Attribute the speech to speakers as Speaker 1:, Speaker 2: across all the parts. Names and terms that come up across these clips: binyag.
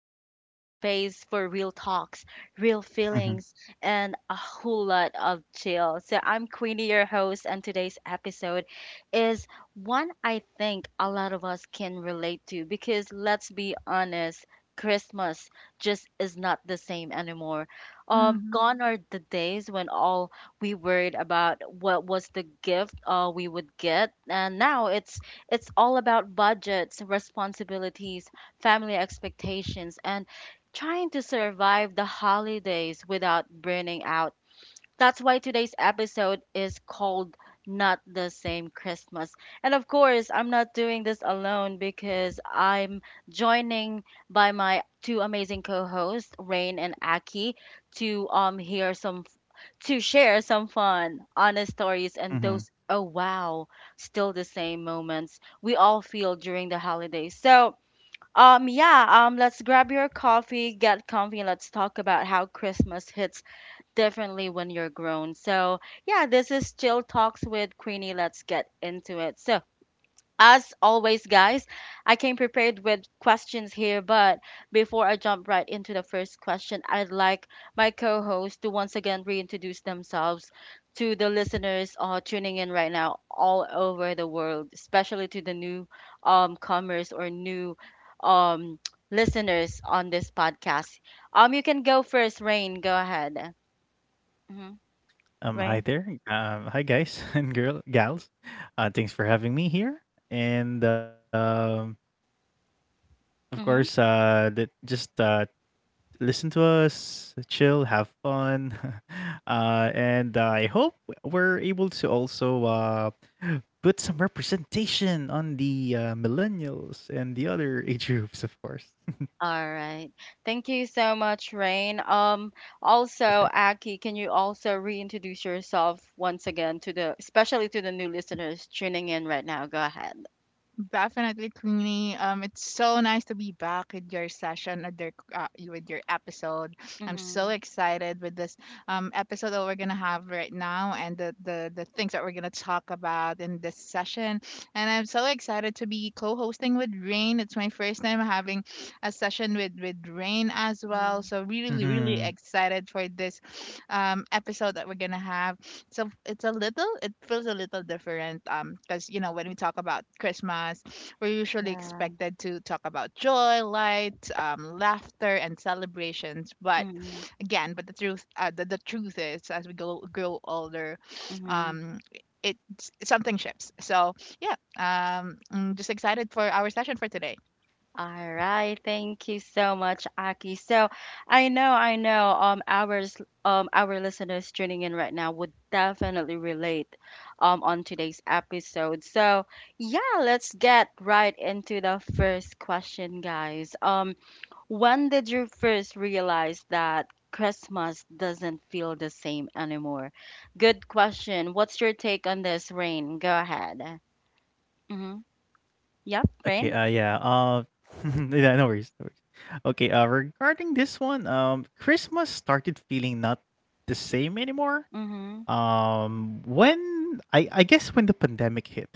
Speaker 1: your safe space for real talks, real
Speaker 2: Mhm,
Speaker 1: feelings, and a whole lot of chill. So I'm Queenie, your host, and today's episode is one I think a lot of us can relate to because let's be honest, Christmas just is not the same anymore.
Speaker 3: Mhm.
Speaker 1: Gone are the days when all we worried about what was the gift we would get, and now it's all about budgets, responsibilities, family expectations, and trying to survive the holidays without burning out. That's why today's episode is called Not the Same Christmas. And of course I'm not doing this alone because I'm joining by my two amazing co-hosts, Rain and Aki, to um hear some to share some fun, honest stories, and
Speaker 2: mhm.
Speaker 1: those, oh wow, still the same moments we all feel during the holidays. So, yeah, let's grab your coffee, get comfy, and let's talk about how Christmas hits differently when you're grown. So, yeah, this is Chill Talks with Queenie. Let's get into it. So, as always, guys, I came prepared with questions here, but before I jump right into the first question, I'd like my co host to once again reintroduce themselves to the listeners tuning in right now all over the world, especially to the new comers, or new um, listeners on this podcast. You can go first, Rain. Go ahead. Hmm.
Speaker 2: Hi
Speaker 1: Rain?
Speaker 2: there. Hi guys and girl gals. Thanks for having me here. And of
Speaker 1: Mm-hmm.
Speaker 2: course, that just listen to us, chill, have fun. And I hope we're able to also put some representation on the millennials and the other age groups, of course.
Speaker 1: All right. Thank you so much, Rain.
Speaker 2: Sure
Speaker 1: Also,
Speaker 2: thing.
Speaker 1: Aki, can you also reintroduce yourself once again to the, especially to the new listeners tuning in right now? Go ahead.
Speaker 3: Definitely, Queenie. It's so nice to be back with your session with your episode. I'm so
Speaker 1: Mm-hmm.
Speaker 3: excited with this episode that we're gonna have right now and the things that we're gonna talk about in this session. And I'm so excited to be co-hosting with Rain. It's my first time having a session with Rain as well. So really, really
Speaker 2: Mm-hmm.
Speaker 3: excited for this episode that we're gonna have. So it's a little, it feels a little different because you know when we talk about Christmas, we're usually
Speaker 1: Yeah.
Speaker 3: expected to talk about joy, light, laughter, and celebrations. But
Speaker 1: Mm-hmm.
Speaker 3: again, but the truth, the truth is, as we go grow older, um, it something shifts. So yeah, I'm just excited for our session for today.
Speaker 1: All right, thank you so much, Aki. So I know, our listeners tuning in right now would definitely relate, on today's episode. So yeah, let's get right into the first question, guys. When did you first realize that Christmas doesn't feel the same anymore? Good question. What's your take on this, Rain? Go ahead. Mm-hmm. Yep,
Speaker 2: Okay,
Speaker 1: Rain.
Speaker 2: yeah. Yeah, no worries, no worries. Okay, regarding this one, Christmas started feeling not the same anymore.
Speaker 1: Mm-hmm.
Speaker 2: When I guess when the pandemic hit.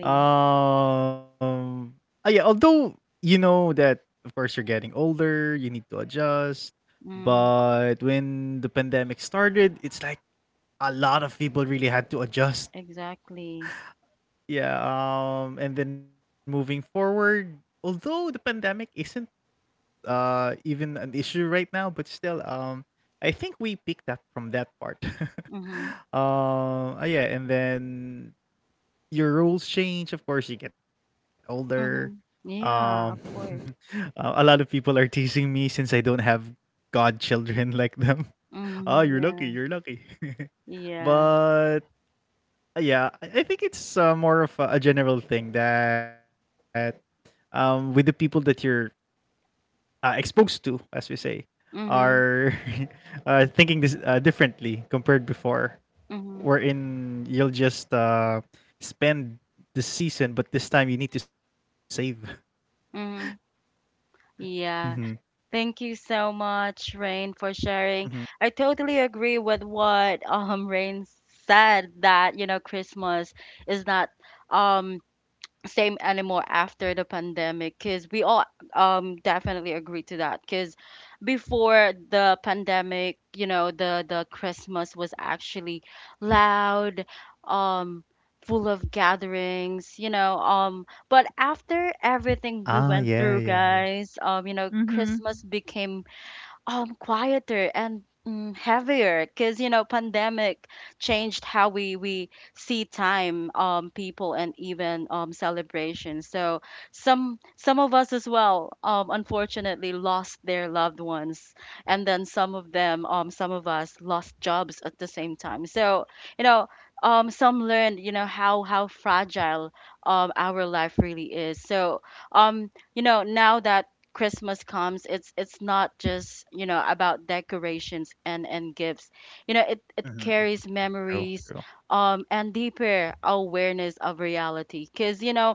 Speaker 2: um yeah, although you know that of course you're getting older, you need to adjust,
Speaker 1: Mm-hmm.
Speaker 2: but when the pandemic started, it's like a lot of people really had to adjust.
Speaker 1: Exactly.
Speaker 2: Yeah, and then moving forward, although the pandemic isn't even an issue right now, but still, I think we picked up from that part.
Speaker 1: Mhm.
Speaker 2: Yeah, and then your rules change. Of course, you get older.
Speaker 1: Mhm.
Speaker 2: Um,
Speaker 1: Yeah, of course.
Speaker 2: a lot of people are teasing me since I don't have godchildren like them. Oh, you're lucky.
Speaker 1: Mhm.
Speaker 2: You're
Speaker 1: Yeah.
Speaker 2: lucky.
Speaker 1: Yeah.
Speaker 2: But yeah, I think it's more of a general thing that with the people that you're exposed to, as we say, are
Speaker 1: Mhm.
Speaker 2: thinking this differently compared before,
Speaker 1: Mhm.
Speaker 2: wherein you'll just spend the season, but this time you need to save.
Speaker 1: Mhm.
Speaker 2: hmm
Speaker 1: Yeah. Thank you so much, Rain, for
Speaker 2: hmm
Speaker 1: sharing. I totally agree with what Rain said, that, you know, Christmas is not um same anymore after the pandemic, because we all definitely agree to that. Because before the pandemic, you know, the christmas was actually loud, um full of gatherings, you know, but after everything we
Speaker 2: Ah,
Speaker 1: went
Speaker 2: yeah,
Speaker 1: through,
Speaker 2: yeah, yeah.
Speaker 1: guys, you know,
Speaker 3: Mm-hmm.
Speaker 1: christmas became quieter and heavier, because you know pandemic changed how we see time, people, and even celebrations. So some of us as well unfortunately lost their loved ones, and then some of them, some of us lost jobs at the same time. So you know, some learned, you know, how fragile our life really is. So you know, now that Christmas comes, it's not just, you know, about decorations and gifts. You know, it
Speaker 2: hmm hmm
Speaker 1: carries
Speaker 2: True,
Speaker 1: memories,
Speaker 2: true.
Speaker 1: and deeper awareness of reality. Cause you know,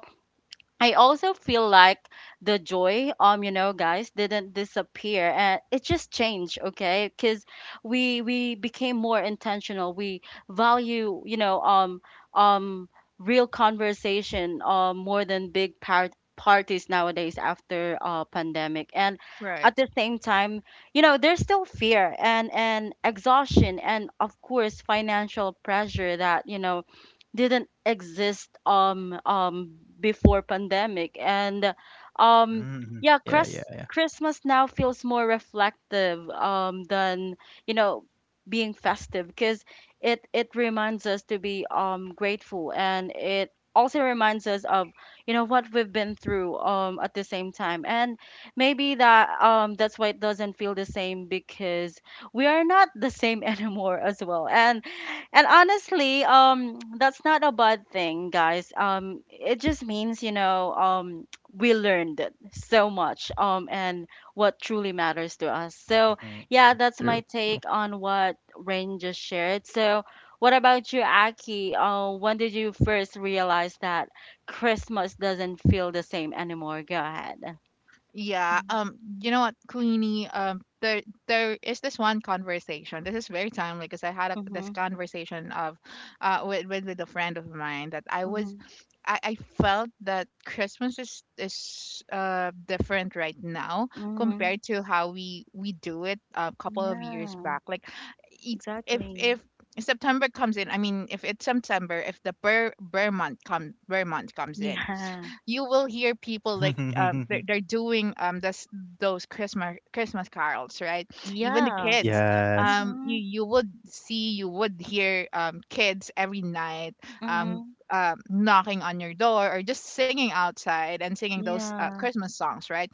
Speaker 1: I also feel like the joy, you know, guys, didn't disappear, and it just changed, okay? Because we became more intentional. We value, you know, um, real conversation, more than big parties nowadays after pandemic. And
Speaker 3: Right.
Speaker 1: at the same time, you know, there's still fear and exhaustion, and of course financial pressure that you know didn't exist before pandemic. And um
Speaker 2: hmm
Speaker 1: yeah,
Speaker 2: Yeah, yeah, yeah.
Speaker 1: Christmas now feels more reflective than, you know, being festive, because it reminds us to be grateful, and it also reminds us of, you know, what we've been through at the same time. And maybe that's why it doesn't feel the same, because we are not the same anymore as well. And honestly, that's not a bad thing, guys. It just means, you know, we learned so much, and what truly matters to us. So,
Speaker 2: hmm
Speaker 1: yeah, that's my
Speaker 2: True.
Speaker 1: take on what Rain just shared. So, what about you, Aki? When did you first realize that Christmas doesn't feel the same anymore? Go ahead.
Speaker 3: Yeah. You know what, Queenie? There is this one conversation. This is very timely because I had a, this
Speaker 1: Mm-hmm,
Speaker 3: conversation of, with, with a friend of mine that I
Speaker 1: mm-hmm,
Speaker 3: was, I felt that Christmas is different right now
Speaker 1: mm-hmm.
Speaker 3: compared to how we do it a couple of years
Speaker 1: Yeah,
Speaker 3: back. Like, it,
Speaker 1: exactly.
Speaker 3: if September comes in, I mean, if it's September, if the bear month comes in,
Speaker 1: Yeah.
Speaker 3: you will hear people like they're doing this those Christmas carols, right? Even the
Speaker 1: Yeah.
Speaker 3: kids,
Speaker 2: Yes.
Speaker 3: you
Speaker 1: Mm-hmm.
Speaker 3: you would see, you would hear kids every night, um
Speaker 1: Mhm.
Speaker 3: knocking on your door or just singing outside and singing those
Speaker 1: Yeah,
Speaker 3: Christmas songs, right?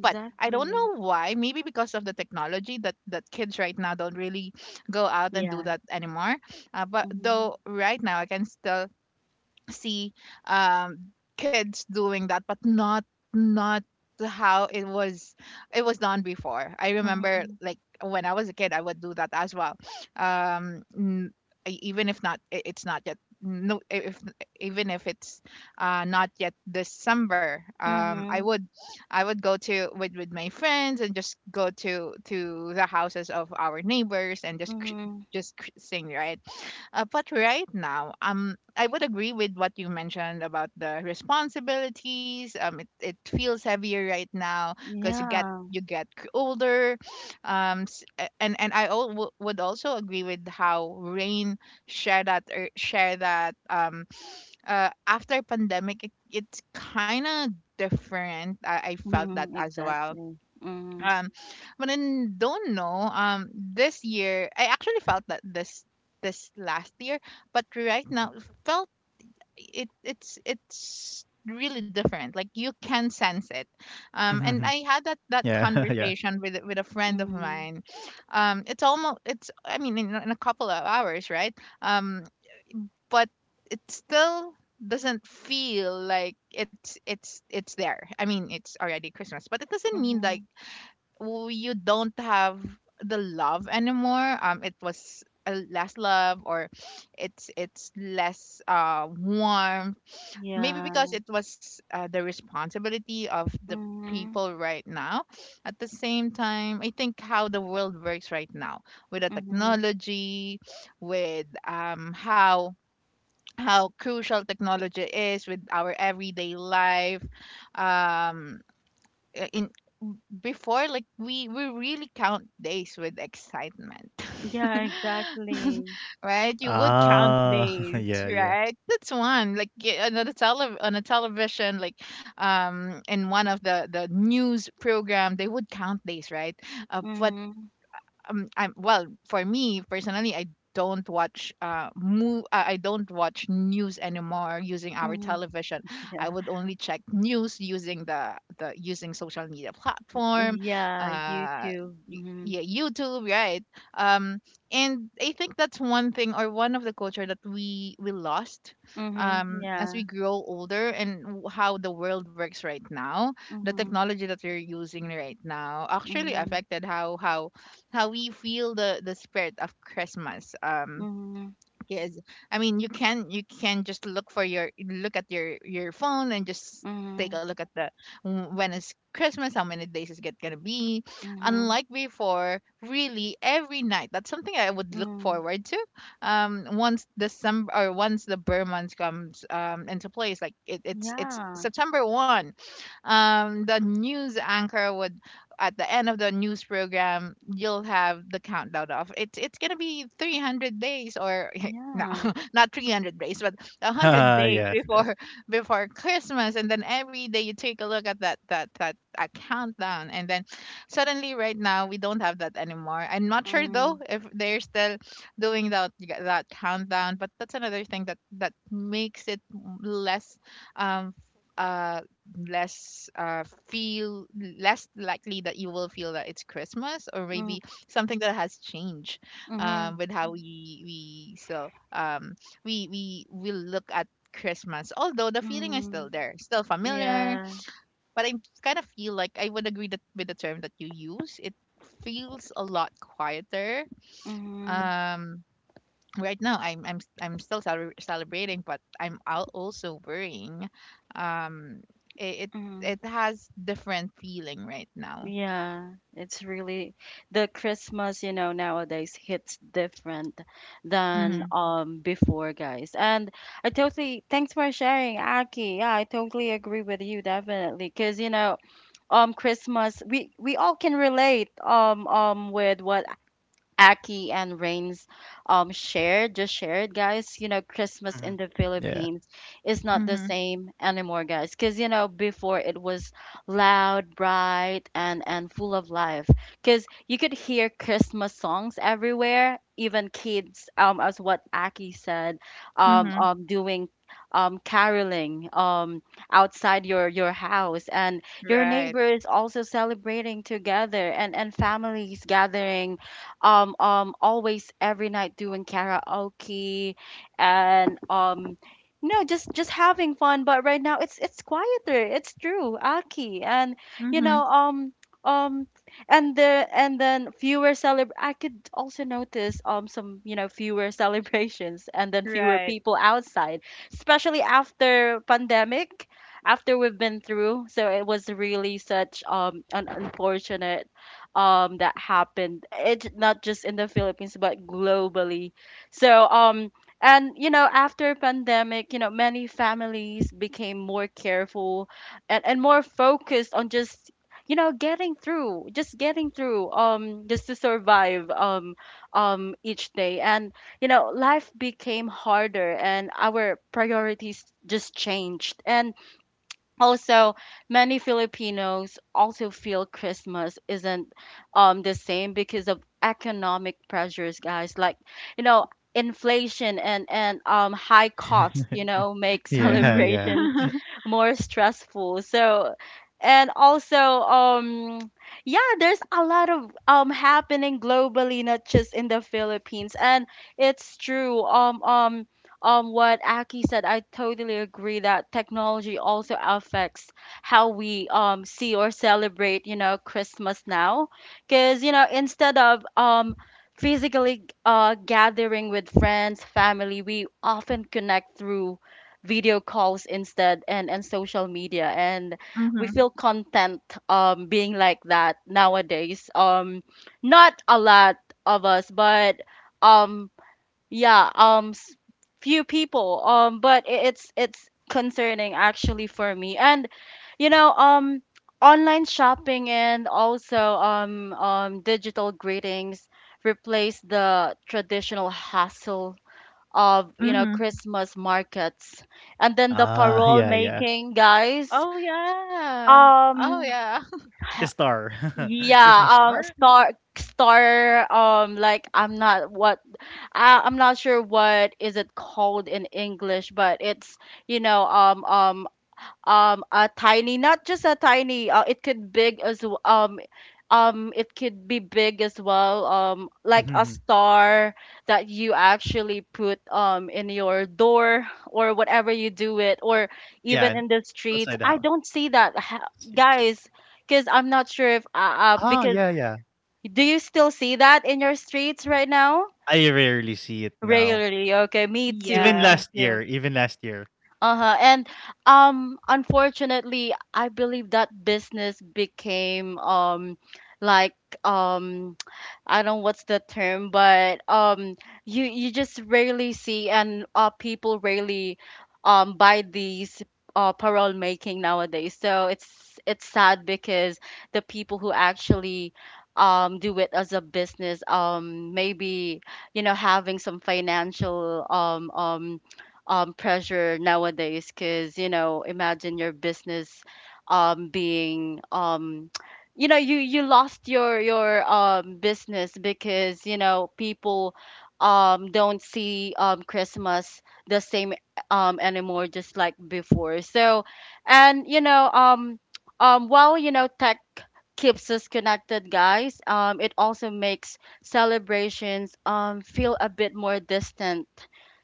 Speaker 3: But I don't know why. Maybe because of the technology that kids right now don't really go out and do
Speaker 1: Yeah.
Speaker 3: that anymore. But
Speaker 1: Mhm.
Speaker 3: though right now I can still see um kids doing that but not how it was done before. I remember
Speaker 1: Mhm.
Speaker 3: like when I was a kid I would do that as well. Um n- e- even if not I- it's not yet no I- if Even if it's not yet December, I
Speaker 1: Mhm.
Speaker 3: would, I would go to with my friends and just go to the houses of our neighbors and just
Speaker 1: Mhm.
Speaker 3: sing, right? But right now, I would agree with what you mentioned about the responsibilities. It feels heavier right now because you get
Speaker 1: Yeah.
Speaker 3: you get c- older, and I would also agree with how Rain shared that, share that after pandemic it, it's kind of different. I felt that
Speaker 1: Mhm.
Speaker 3: as well.
Speaker 1: Exactly. Mhm.
Speaker 3: um, don't know. This year I actually felt that this last year, but right now it felt it's really different. Like you can sense it.
Speaker 2: Mhm.
Speaker 3: And I had that
Speaker 2: Yeah,
Speaker 3: that
Speaker 2: yeah.
Speaker 3: conversation with a friend of
Speaker 1: Mhm.
Speaker 3: mine. It's almost it's I mean in, in a couple of hours, right? Um, but it still doesn't feel like it's there. I mean, it's already Christmas, but it doesn't mean like
Speaker 1: Mhm.
Speaker 3: you don't have the love anymore. It was less love, or it's less warmth, maybe
Speaker 1: Yeah.
Speaker 3: because it was the responsibility of the
Speaker 1: Mhm.
Speaker 3: people right now. At the same time, I think how the world works right now, with the
Speaker 1: Mhm.
Speaker 3: technology, with how crucial technology is with our everyday life. Um in Before, like we really count days with excitement.
Speaker 1: Yeah, exactly.
Speaker 3: Right, you would count
Speaker 2: Ah,
Speaker 3: days,
Speaker 2: yeah, yeah.
Speaker 3: right? That's one, on the on a television, like in one of the news program they would count days, right? But
Speaker 1: Mhm.
Speaker 3: I'm well for me personally. I don't watch move. I don't watch news anymore using our
Speaker 1: Mhm.
Speaker 3: television.
Speaker 1: Yeah.
Speaker 3: I would only check news using the using social media platform.
Speaker 1: Yeah,
Speaker 3: Uh,
Speaker 1: YouTube. Mhm.
Speaker 3: yeah, YouTube, right? Um, and I think that's one thing or one of the culture that we lost,
Speaker 1: Mhm.
Speaker 3: as
Speaker 1: Yeah.
Speaker 3: we grow older. And how the world works right now, the
Speaker 1: Mhm.
Speaker 3: technology that we're using right now actually
Speaker 1: Mhm.
Speaker 3: affected how we feel the spirit of Christmas.
Speaker 1: Mhm.
Speaker 3: Yes. I mean, you can just look at your phone and just take a
Speaker 1: Mhm.
Speaker 3: look at the, when is Christmas, how many days is it gonna be.
Speaker 1: Mhm.
Speaker 3: Unlike before, really every night. That's something I would look
Speaker 1: Mhm.
Speaker 3: forward to. Once December or once the Burr month comes into place, like it, it's
Speaker 1: Yeah.
Speaker 3: September one. The news anchor would, at the end of the news program, you'll have the countdown of it's gonna be 300 days, or no,
Speaker 1: Yeah.
Speaker 3: not 300 days but 100 days
Speaker 2: Yes, yes.
Speaker 3: before before Christmas. And then every day you take a look at that countdown. And then suddenly right now we don't have that anymore. I'm not sure though
Speaker 1: Mhm.
Speaker 3: if they're still doing that countdown. But that's another thing that that makes it less um uh less feel less likely that you will feel that it's Christmas. Or
Speaker 1: Mhm.
Speaker 3: maybe something that has changed
Speaker 1: Mhm.
Speaker 3: with how we still we will look at Christmas. Although the feeling is still
Speaker 1: Mm,
Speaker 3: there, still familiar,
Speaker 1: yeah.
Speaker 3: but I kind of feel like I would agree that with the term that you use, it feels a lot quieter.
Speaker 1: Mm-hmm.
Speaker 3: Um, right now, I'm still celebrating, but I'm also worrying. Um, it
Speaker 1: Mm-hmm.
Speaker 3: it has different feeling right now.
Speaker 1: Yeah. It's really the Christmas, you know, nowadays hits different than
Speaker 3: Mhm.
Speaker 1: before, guys. And I totally thanks for sharing, Aki. Yeah, I totally agree with you definitely. 'Cause you know, Christmas, we all can relate with what Aki and Rain's shared, guys. You know, Christmas in
Speaker 2: Mhm.
Speaker 1: the
Speaker 2: Yeah,
Speaker 1: Philippines is not the
Speaker 3: Mhm.
Speaker 1: same anymore, guys, because you know before it was loud, bright, and full of life, because you could hear Christmas songs everywhere, even kids, as what Aki said,
Speaker 3: Mhm.
Speaker 1: doing caroling outside your house, and your
Speaker 3: Right.
Speaker 1: neighbors also celebrating together, and families gathering always every night doing karaoke, and no, just just having fun. But right now it's quieter, it's true, aki. And you know,
Speaker 3: Mhm.
Speaker 1: um and the and then fewer celeb I could also notice, some, you know, fewer celebrations, and then fewer
Speaker 3: Right.
Speaker 1: people outside, especially after pandemic, after we've been through. So it was really such an unfortunate that happened. It's not just in the Philippines, but globally. So, and you know, after pandemic, you know, many families became more careful, and more focused on just, you know, getting through, just to survive, each day. And you know, life became harder, and our priorities just changed. And also, many Filipinos also feel Christmas isn't the same because of economic pressures, guys. Like, you know, inflation and high cost, you know, make
Speaker 2: yeah,
Speaker 3: Mhm.
Speaker 2: yeah.
Speaker 1: celebrations more stressful. So, and also, yeah, there's a lot of happening globally, not just in the Philippines. And it's true. What Aki said, I totally agree that technology also affects how we see or celebrate, you know, Christmas now. Because, you know, instead of physically gathering with friends, family, we often connect through video calls instead, and social media. And we
Speaker 3: Mhm,
Speaker 1: feel content being like that nowadays, not a lot of us, but um yeah, few people, but it's concerning actually for me. And you know, online shopping, and also digital greetings, replace the traditional hustle of, you know,
Speaker 3: mhm.
Speaker 1: Christmas markets. And then the
Speaker 2: Ah,
Speaker 1: parole
Speaker 2: yeah, yeah.
Speaker 1: making, guys.
Speaker 3: Oh, yeah. Oh
Speaker 1: Um
Speaker 3: yeah.
Speaker 2: Yeah, like the star.
Speaker 1: yeah,
Speaker 2: Christmas star, right?
Speaker 1: star like, I, I'm not sure what is it called in English, but it's, you know, a tiny, not just a tiny, it could big it could be big as well, like a
Speaker 2: Mhm.
Speaker 1: star that you actually put in your door, or whatever you do it, or
Speaker 2: Yeah,
Speaker 1: even
Speaker 2: and
Speaker 1: in the streets.
Speaker 2: outside the
Speaker 1: I
Speaker 2: house.
Speaker 1: don't
Speaker 2: It
Speaker 1: see
Speaker 2: should.
Speaker 1: that guys, because I'm not sure if
Speaker 2: Ah, yeah,
Speaker 1: because,
Speaker 2: yeah.
Speaker 1: do you still see that in your streets right now
Speaker 2: I rarely see it now.
Speaker 1: regularly? Okay, me too,
Speaker 2: Even
Speaker 1: me
Speaker 3: Yeah,
Speaker 2: last
Speaker 1: too.
Speaker 2: year, even last year.
Speaker 1: Uh-huh. And unfortunately, I believe that business became like um I don't know what's the term, but you you just rarely see, and people rarely buy these parole making nowadays. So it's sad, because the people who actually do it as a business, maybe, you know, having some financial pressure nowadays, because you know, imagine your business being you know, you lost your business, because you know people don't see Christmas the same anymore, just like before. So, and you know, while you know tech keeps us connected, guys, it also makes celebrations feel a bit more distant.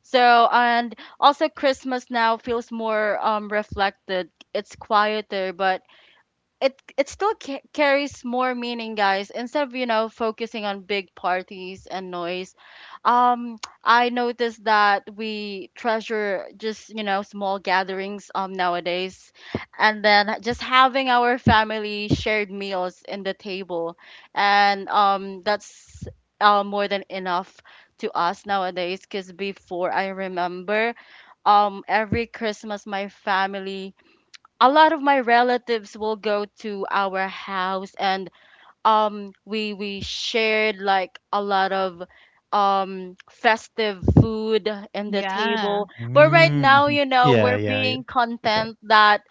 Speaker 1: So and also, Christmas now feels more reflected. It's quieter, but it still carries more meaning, guys. Instead of, you know, focusing on big parties and noise, I noticed that we treasure just, you know, small gatherings nowadays, and then just having our family shared meals in the table, and that's more than enough to us nowadays. Because before, I remember, every Christmas my family, a lot of my relatives will go to our house, and we shared like a lot of festive food in the
Speaker 3: yeah.
Speaker 1: table. But right
Speaker 2: Mm,
Speaker 1: now, you
Speaker 2: mhm.
Speaker 1: know, we're
Speaker 2: Yeah, yeah, yeah.
Speaker 1: being
Speaker 2: Before.
Speaker 1: content that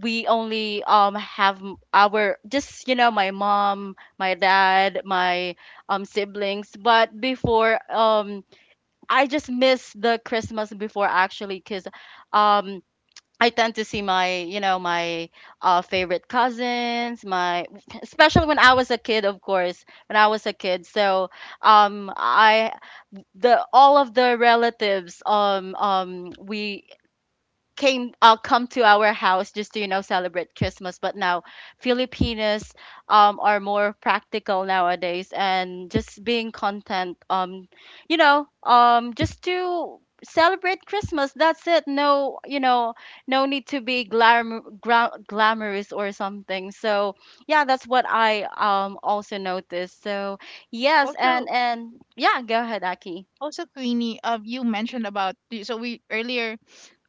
Speaker 1: we only have our, just, you know, my mom, my dad, my siblings. But before, I just miss the Christmas before, actually, because um I tend to see my, you know, my favorite cousins, my— especially when I was a kid, of course, when I was a kid. So, I— the all of the relatives, we came come to our house just to, you know, celebrate Christmas. But now Filipinos, are more practical nowadays and just being content, you know, just to celebrate Christmas, that's it. No, no need to be glamorous or something. So yeah, that's what I also noticed. So yes, and
Speaker 3: Also,
Speaker 1: and yeah, go ahead, Aki.
Speaker 3: also, Queenie, you mentioned about so we earlier,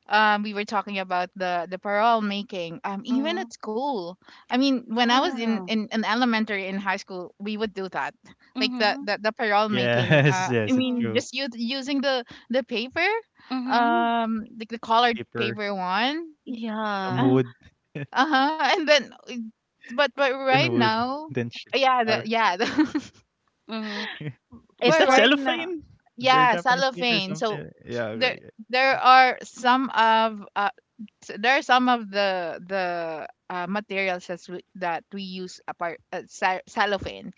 Speaker 3: we were talking about the parole making. Even at
Speaker 1: Mm-hmm.
Speaker 3: school, I mean, when I was in
Speaker 1: Yeah.
Speaker 3: in elementary in high school, we would do that, like
Speaker 1: Mm-hmm.
Speaker 3: the parole making.
Speaker 2: Yes,
Speaker 3: I
Speaker 2: yes, it's
Speaker 1: Mm-hmm.
Speaker 3: mean,
Speaker 2: true.
Speaker 3: just using the paper,
Speaker 1: Mm-hmm.
Speaker 3: like the colored
Speaker 2: Paper,
Speaker 3: paper one.
Speaker 2: some
Speaker 1: Yeah.
Speaker 2: wood,
Speaker 3: Uh-huh. And then
Speaker 2: then wood,
Speaker 3: but right
Speaker 2: then shit
Speaker 3: now,
Speaker 2: star.
Speaker 3: yeah, yeah. The,
Speaker 1: Mhm.
Speaker 2: Is that
Speaker 1: It
Speaker 3: but
Speaker 1: was.
Speaker 3: right now,
Speaker 2: cellophane? Your
Speaker 3: yeah,
Speaker 2: Japanese paper or
Speaker 3: cellophane. So
Speaker 2: something? Yeah,
Speaker 3: there
Speaker 2: okay, yeah.
Speaker 3: there are some of there are some of the materials that that we use apart cellophane,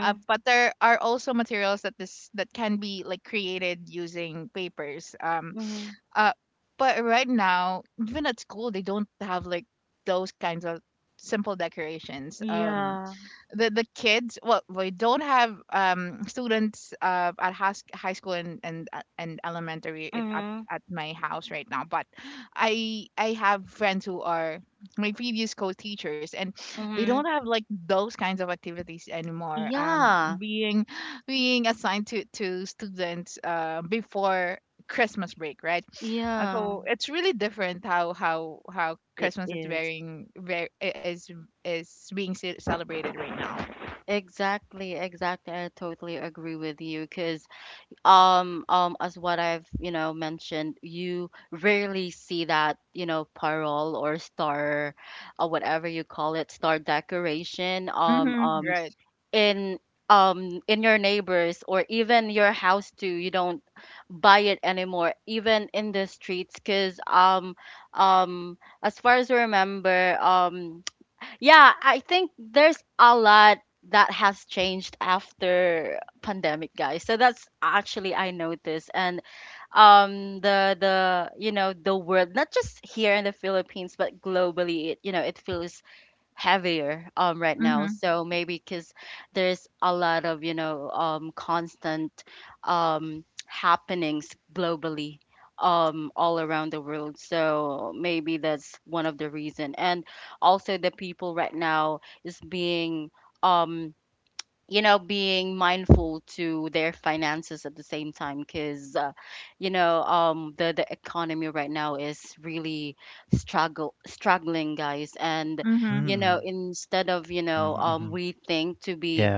Speaker 3: but there are also materials that this that can be like created using papers.
Speaker 1: Mhm.
Speaker 3: Uh, but right now, even at school, they don't have like those kinds of simple decorations.
Speaker 1: Yeah.
Speaker 3: The kids, well, we don't have students at high school and and elementary
Speaker 1: Mhm.
Speaker 3: at my house right now. But I have friends who are my previous co-teachers, and they don't
Speaker 1: Mhm.
Speaker 3: have like those kinds of activities anymore,
Speaker 1: Yeah.
Speaker 3: being being assigned to students before Christmas break, right?
Speaker 1: Yeah.
Speaker 3: So it's really different how how
Speaker 1: It
Speaker 3: Christmas is
Speaker 1: is.
Speaker 3: varying very is being celebrated right now.
Speaker 1: Exactly, exactly. I totally agree with you because as what I've, you know, mentioned, you rarely see that, you know, parole or star or whatever you call it, star decoration
Speaker 3: Mhm. Right.
Speaker 1: in in your neighbors or even your house too. You don't buy it anymore, even in the streets, because as far as I remember, yeah, I think there's a lot that has changed after pandemic, guys. So that's actually I noticed. And the you know, the world, not just here in the Philippines but globally, it, you know, it feels heavier right now.
Speaker 3: Mhm.
Speaker 1: So maybe because there's a lot of, you know, constant happenings globally, all around the world. So maybe that's one of the reason. And also the people right now is being, um you know, being mindful to their finances at the same time, because you know, the economy right now is really struggle struggling, guys. And
Speaker 3: Mhm.
Speaker 1: you know,
Speaker 2: Mm, mhm.
Speaker 1: instead of, you know,
Speaker 2: Yeah.
Speaker 1: we think to be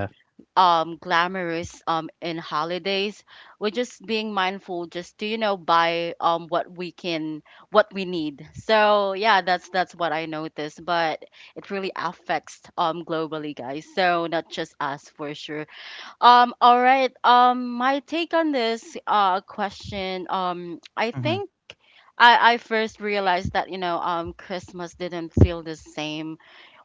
Speaker 1: glamorous in holidays, we're just being mindful just to, you know, buy what we can, what we need. So yeah, that's what I noticed. But it really affects globally, guys, so not just us for sure. All right, my take on this question, I
Speaker 2: Mhm.
Speaker 1: think I first realized that, you know, Christmas didn't feel the same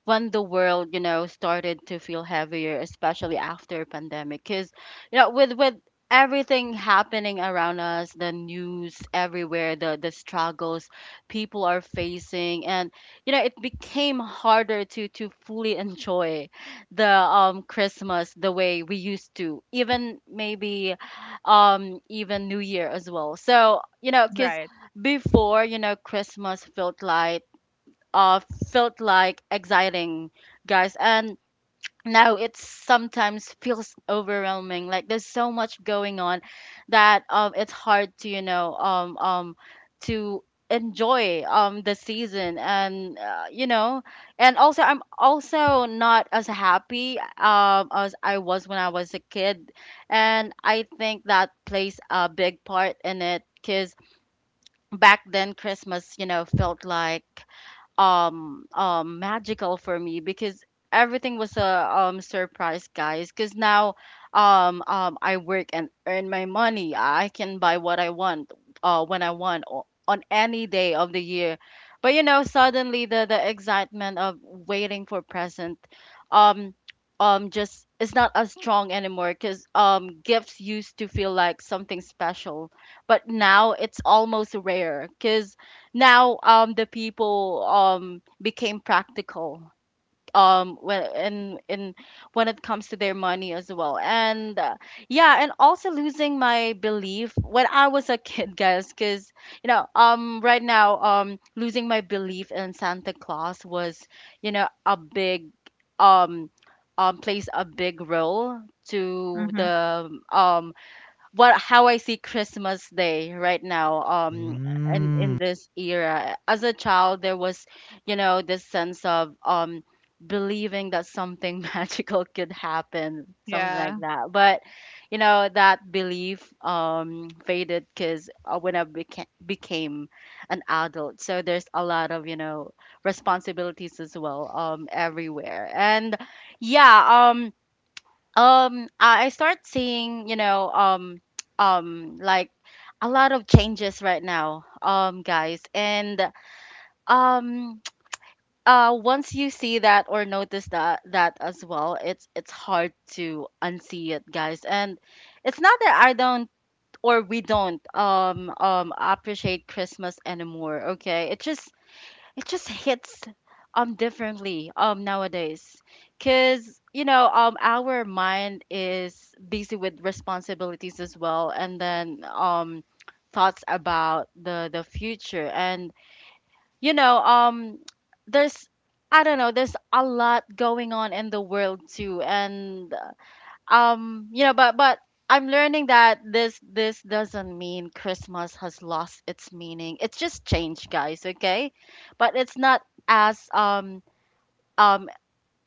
Speaker 1: when the world, you know, started to feel heavier, especially after pandemic. Because, you know, with everything happening around us, the news everywhere, the struggles people are facing, and, you know, it became harder to fully enjoy the Christmas the way we used to, even maybe even New Year as well. So, you know, because
Speaker 3: Right.
Speaker 1: before, you know, Christmas felt like, uh, felt like exciting, guys. And now it sometimes feels overwhelming. Like there's so much going on that, it's hard to, you know, to enjoy, the season. And, you know, and also I'm also not as happy, as I was when I was a kid. And I think that plays a big part in it. Because back then Christmas, you know, felt like magical for me, because everything was a surprise, guys. Because now, I work and earn my money. I can buy what I want when I want on any day of the year. But, you know, suddenly the excitement of waiting for present, um just, it's not as strong anymore, because gifts used to feel like something special, but now it's almost rare. Because now the people became practical when in when it comes to their money as well. And, yeah. And also losing my belief when I was a kid, guys. Because, you know, right now, losing my belief in Santa Claus was, you know, a big, um plays a big role to
Speaker 3: Mhm.
Speaker 1: the what— how I see Christmas Day right now, and
Speaker 2: Mm.
Speaker 1: in this era. As a child, there was, you know, this sense of believing that something magical could happen, something like
Speaker 3: Yeah.
Speaker 1: that. But, you know, that belief faded, because when I became an adult, so there's a lot of, you know, responsibilities as well, everywhere. And, yeah, I start seeing, you know, like a lot of changes right now, guys. And um once you see that or notice that that as well, it's hard to unsee it, guys. And it's not that I don't, or we don't appreciate Christmas anymore, okay? It's just— it just hits differently nowadays, because you know our mind is busy with responsibilities as well. And then thoughts about the future. And, you know, there's— I don't know, there's a lot going on in the world too. And, you know, but I'm learning that this doesn't mean Christmas has lost its meaning. It's just changed, guys, okay? But it's not as, um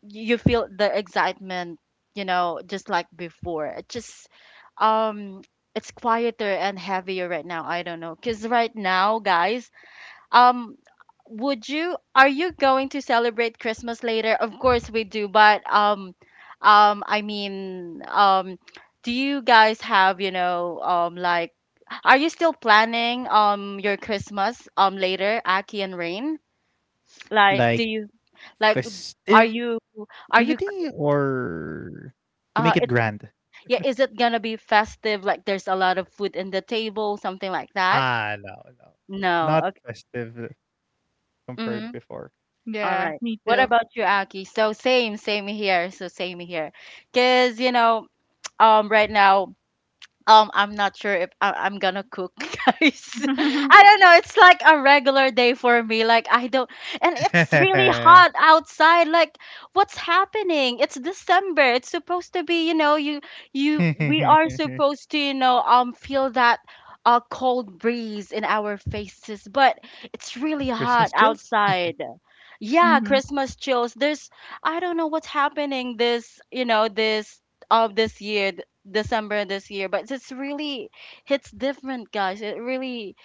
Speaker 1: you feel the excitement, you know, just like before. It just, um it's quieter and heavier right now. I don't know, because right now, guys, um, would you— are you going to celebrate Christmas later? Of course we do, but I mean, do you guys have, you know, like, are you still planning your Christmas later, Aki and Rain? Like do
Speaker 2: Like
Speaker 1: you— like— are you—
Speaker 2: festivity
Speaker 1: are you—
Speaker 2: or to make it grand?
Speaker 1: it— yeah, is it gonna be festive, like there's a lot of food in the table, something like that?
Speaker 2: Ah, no, no. Not
Speaker 1: No. Okay.
Speaker 2: festive compared
Speaker 1: Mm-hmm.
Speaker 2: before.
Speaker 1: All
Speaker 3: Yeah.
Speaker 1: right.
Speaker 3: Me
Speaker 1: What
Speaker 3: too.
Speaker 1: about you, Aki? So same, same here. So same here. Cause you know, right now, I'm not sure if I'm gonna cook, guys. I don't know. It's like a regular day for me. Like I don't— and it's really
Speaker 2: Eh,
Speaker 1: hot outside. Like what's happening? It's December. It's supposed to be, you know, you we are supposed to, you know, feel that cold breeze in our faces, but
Speaker 2: Christmas
Speaker 1: it's really
Speaker 2: chills?
Speaker 1: hot outside. Yeah,
Speaker 3: mhm.
Speaker 1: Christmas chills. There's— I don't know what's happening this, you know, this— of this year— December this year, but it's really— it's different, guys. It really—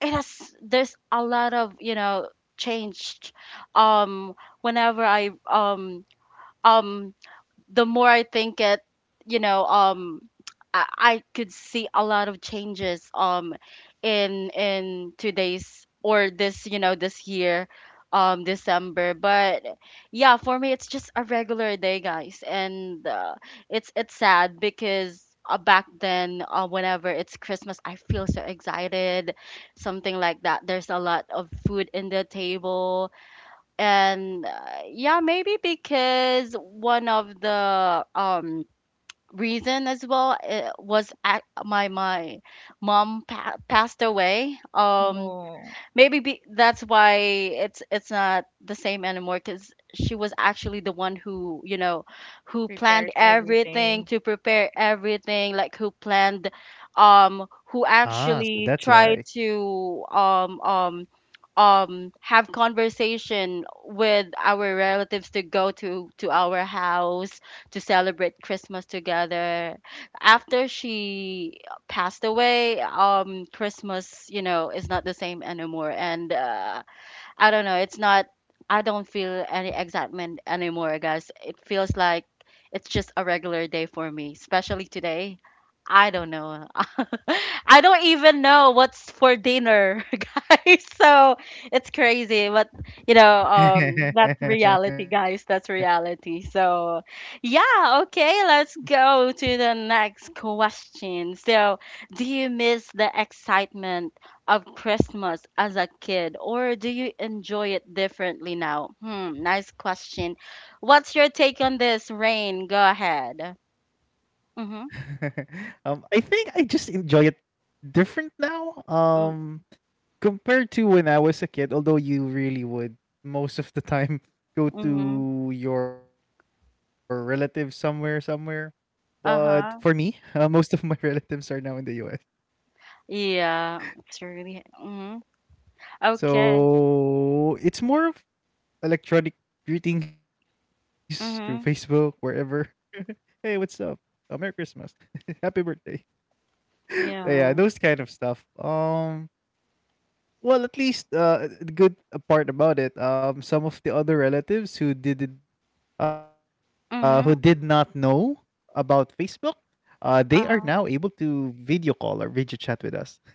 Speaker 1: it has— there's a lot of, you know, changed. Um, whenever I um the more I think it, you know, I could see a lot of changes in today's, or this, you know, this year, December. But yeah, for me, it's just a regular day, guys. And, it's sad because. Back then, whenever it's Christmas, I feel so excited, something like that. There's a lot of food in the table. And, yeah, maybe because one of the reason as well was at my mom passed away,
Speaker 3: Oh,
Speaker 1: maybe be— that's why it's— it's not the same anymore. Because she was actually the one who, you know, who planned
Speaker 3: prepares
Speaker 1: everything,
Speaker 3: everything.
Speaker 1: to prepare everything, like who planned, um who
Speaker 2: Ah, so
Speaker 1: actually
Speaker 2: that's
Speaker 1: tried
Speaker 2: why.
Speaker 1: to have conversation with our relatives to go to— to our house to celebrate Christmas together. After she passed away, Christmas, you know, is not the same anymore. And, I don't know. It's not. I don't feel any excitement anymore, guys. It feels like it's just a regular day for me, especially today. I don't know. I don't even know what's for dinner, guys. So it's crazy, but you know, that's reality, guys. That's reality. So, yeah, okay, let's go to the next question. So, do you miss the excitement of Christmas as a kid, or do you enjoy it differently now? Hmm, nice question. What's your take on this, Rain? Go ahead. Mm-hmm.
Speaker 2: I think I just enjoy it different now.
Speaker 1: Mm.
Speaker 2: Compared to when I was a kid, although you really would most of the time go
Speaker 1: Mm-hmm.
Speaker 2: to your relatives somewhere, somewhere. But for me,
Speaker 1: Uh-huh.
Speaker 2: most of my relatives are now in the US.
Speaker 1: Yeah, it's really. Mm-hmm. Okay.
Speaker 2: So it's more of electronic greetings through Facebook, wherever.
Speaker 1: Mm-hmm.
Speaker 2: Hey, what's up? Merry Christmas. Happy birthday. Yeah,
Speaker 1: Yeah.
Speaker 2: those kind of stuff. Well, at least the good part about it, some of the other relatives who did not know
Speaker 1: Mm-hmm.
Speaker 2: about Facebook, they are now able
Speaker 1: Uh-huh.
Speaker 2: to video call or video chat with us.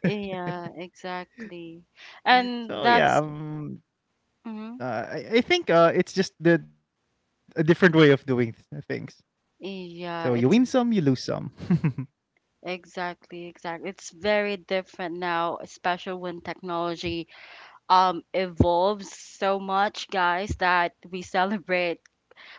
Speaker 1: Yeah, exactly.
Speaker 2: So
Speaker 1: And
Speaker 2: yeah. Mm.
Speaker 1: that's.
Speaker 2: um,
Speaker 1: Mm-hmm.
Speaker 2: uh, I, I think it's just a different way of doing things. So you win
Speaker 1: Yeah,
Speaker 2: some, you
Speaker 1: it's—
Speaker 2: lose some.
Speaker 1: exactly, exactly. It's very different now, especially when technology evolves so much, guys, that we celebrate—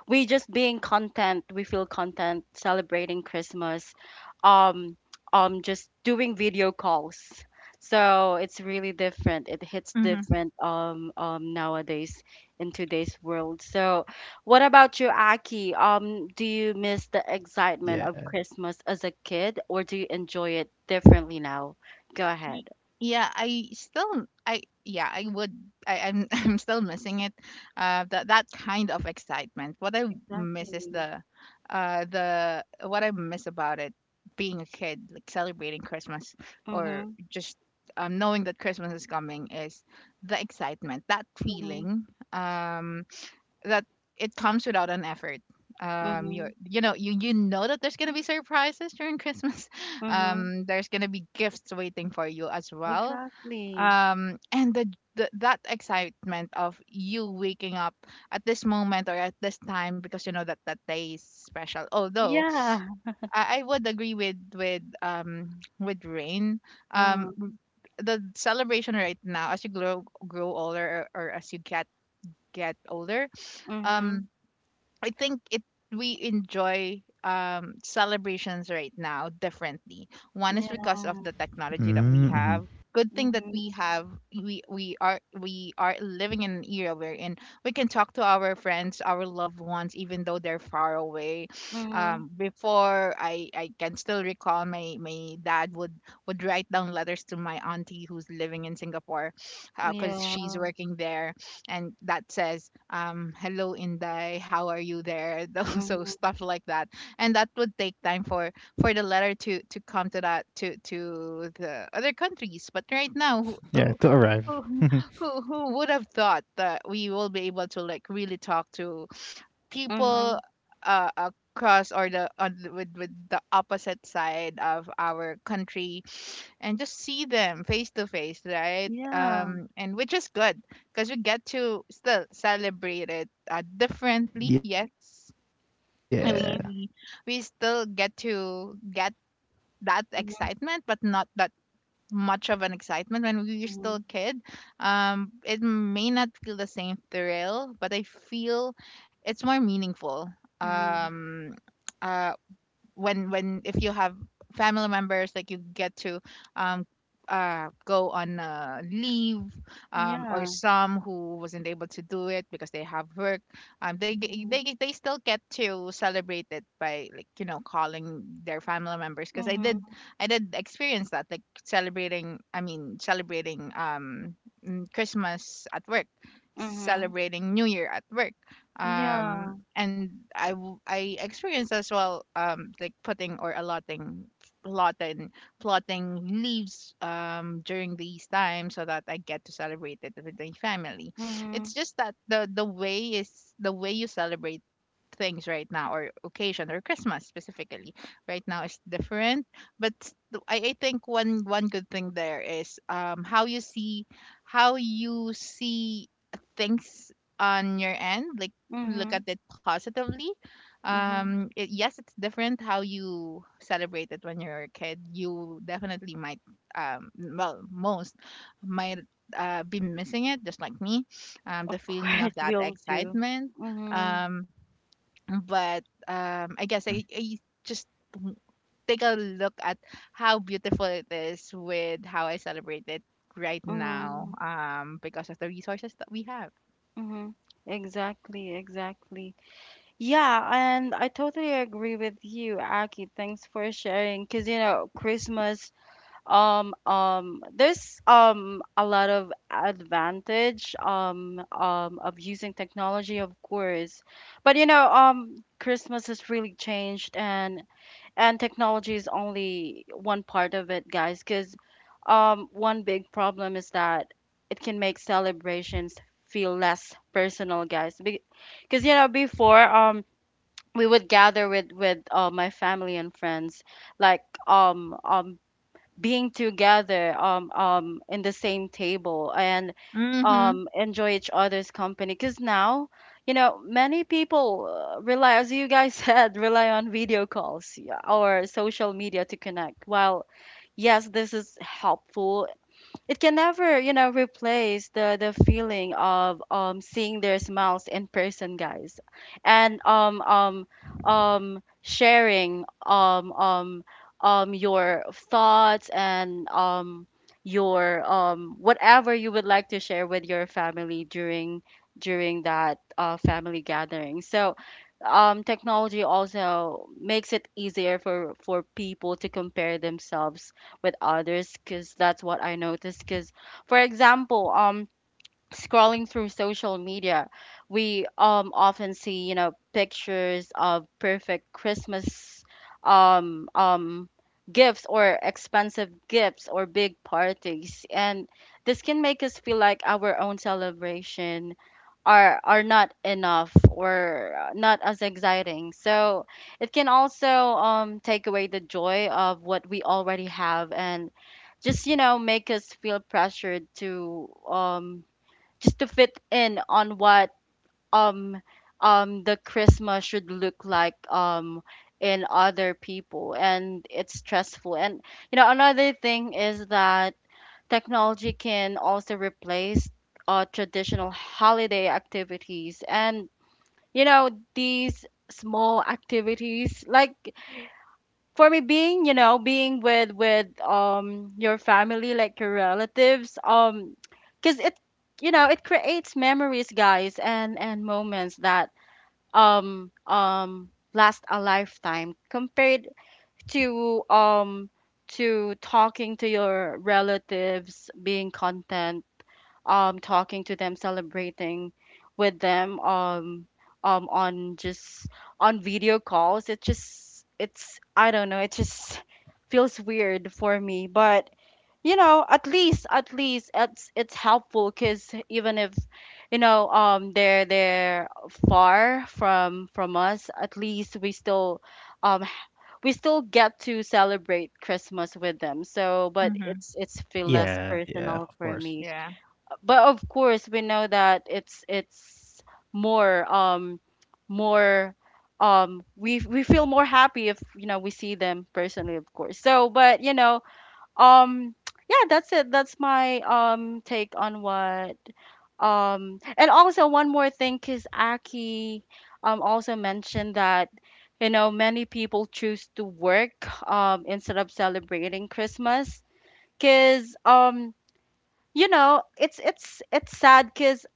Speaker 1: we just being content, we feel content celebrating Christmas, um just doing video calls. So it's really different. It hits
Speaker 3: Mhm.
Speaker 1: different nowadays in today's world. So what about you, Aki? Do you miss the excitement of
Speaker 2: Yeah.
Speaker 1: Christmas as a kid, or do you enjoy it differently now? Go
Speaker 3: Y-
Speaker 1: ahead.
Speaker 3: yeah I still I yeah I would, I, I'm I'm still missing it, that kind of excitement. What I miss is
Speaker 1: Exactly.
Speaker 3: the what I miss about it, being a kid like celebrating Christmas, or
Speaker 1: Mm-hmm.
Speaker 3: just knowing that Christmas is coming, is the excitement, that feeling, um that it comes without an effort.
Speaker 1: Mhm,
Speaker 3: You know that there's gonna be surprises during Christmas.
Speaker 1: mhm.
Speaker 3: There's gonna be gifts waiting for you as well.
Speaker 1: Exactly.
Speaker 3: Um, and the, the that excitement of you waking up at this moment or at this time because you know that that day is special. Although
Speaker 1: Yeah.
Speaker 3: I would agree with with Rain.
Speaker 1: Mm,
Speaker 3: Um, the celebration right now as you grow older, or as you get older.
Speaker 1: mhm.
Speaker 3: Um I think it we enjoy celebrations right now differently. One is because
Speaker 1: Yeah.
Speaker 3: of the technology that we
Speaker 2: Mm-hmm.
Speaker 3: have. Good thing that
Speaker 1: Mhm.
Speaker 3: we have, we are living in an era wherein we can talk to our friends, our loved ones, even though they're far away.
Speaker 1: Mhm.
Speaker 3: Before I can still recall my dad would write down letters to my auntie who's living in Singapore, because
Speaker 1: Yeah.
Speaker 3: she's working there. And that says hello, inday, how are you there? Those- so
Speaker 1: Mhm.
Speaker 3: stuff like that. And that would take time for the letter to come to that to the other countries. But right now,
Speaker 2: Yeah, to arrive.
Speaker 3: who who would have thought that we will be able to like really talk to
Speaker 1: Mhm.
Speaker 3: people across, or the on the, with the opposite side of our country, and just see them face to face, right?
Speaker 1: Yeah.
Speaker 3: And which is good because we get to still celebrate it differently.
Speaker 2: Yeah.
Speaker 3: Yes, and
Speaker 1: Mhm.
Speaker 3: we still get to get that
Speaker 1: Mhm.
Speaker 3: excitement, but not that much of an excitement when we were still
Speaker 1: Mhm.
Speaker 3: a kid. It may not feel the same thrill, but I feel it's more meaningful.
Speaker 1: Mhm.
Speaker 3: Um. Uh, when if you have family members, like, you get to um go on leave, um, or
Speaker 1: Yeah.
Speaker 3: some who wasn't able to do it because they have work,
Speaker 1: Mhm.
Speaker 3: they still get to celebrate it by, like, you know, calling their family members, because
Speaker 1: Mhm.
Speaker 3: I did experience that, like celebrating, I mean, celebrating, Christmas at work,
Speaker 1: Mhm.
Speaker 3: celebrating New Year at work. um
Speaker 1: Yeah.
Speaker 3: and I experienced as well, um, like putting or allotting, plotting plotting leaves during these times so that I get to celebrate it with my family.
Speaker 1: Mhm.
Speaker 3: It's just that the way you celebrate things right now, or occasion, or Christmas specifically right now, is different. But I think one good thing there is how you see how you see things on your end, like, look
Speaker 1: Mhm.
Speaker 3: at it positively.
Speaker 1: Mhm.
Speaker 3: Um, it, yes, it's different how you celebrate it when you're a kid. You definitely might, um well, most might, be missing it just like me, um,
Speaker 1: Of
Speaker 3: the feeling
Speaker 1: course,
Speaker 3: of that
Speaker 1: we'll do.
Speaker 3: excitement.
Speaker 1: Mhm.
Speaker 3: Um but um
Speaker 2: hmm
Speaker 3: I just w- take a look at how beautiful it is with how I celebrate it right now,
Speaker 1: Mhm.
Speaker 3: um, because of the resources that we have.
Speaker 1: Mhm. Exactly. Exactly. Yeah, and I totally agree with you, Aki. Thanks for sharing. Cause you know, Christmas, there's a lot of advantage of using technology, of course. But you know, Christmas has really changed, and technology is only one part of it, guys. Cause one big problem is that it can make celebrations feel less personal, guys. Because, you know, before we would gather with with my family and friends, like being together in the same table and
Speaker 3: Mm-hmm,
Speaker 1: enjoy each other's company. Because now, many people rely, as you guys said, rely on video calls, yeah, or social media to connect. While yes, this is helpful, it can never, replace the feeling of seeing their smiles in person, guys. And sharing your thoughts and your whatever you would like to share with your family during that family gathering. So technology also makes it easier for people to compare themselves with others, because that's what I noticed. Because, for example, scrolling through social media, we often see, pictures of perfect Christmas um um gifts, or expensive gifts, or big parties. And this can make us feel like our own celebration are not enough, or not as exciting. So it can also take away the joy of what we already have, and just, make us feel pressured to just to fit in on what um, the Christmas should look like in other people, and it's stressful. And you know, another thing is that technology can also replace traditional holiday activities. And you know, these small activities, like for me being, you know, being with your family, like your relatives, because it, you know, it creates memories, guys, and moments that last a lifetime, compared to um to talking to your relatives, being content, talking to them, celebrating with them on just on video calls. It just, it's, I don't know, it just feels weird for me. But you know, at least it's helpful, because even if, they're far from us, at least we still um we still get to celebrate Christmas with them. So but
Speaker 3: mm-hmm.
Speaker 1: it's feel less
Speaker 2: Yeah. Yeah.
Speaker 1: personal
Speaker 2: Of
Speaker 1: for
Speaker 2: course.
Speaker 1: me.
Speaker 3: Yeah.
Speaker 1: But of course, we know that it's more, more we feel more happy if, you know, we see them personally, of course. So but you know, um yeah, that's it, that's my take on what and also one more thing, because Aki also mentioned that, you know, many people choose to work instead of celebrating Christmas, because you know, it's sad because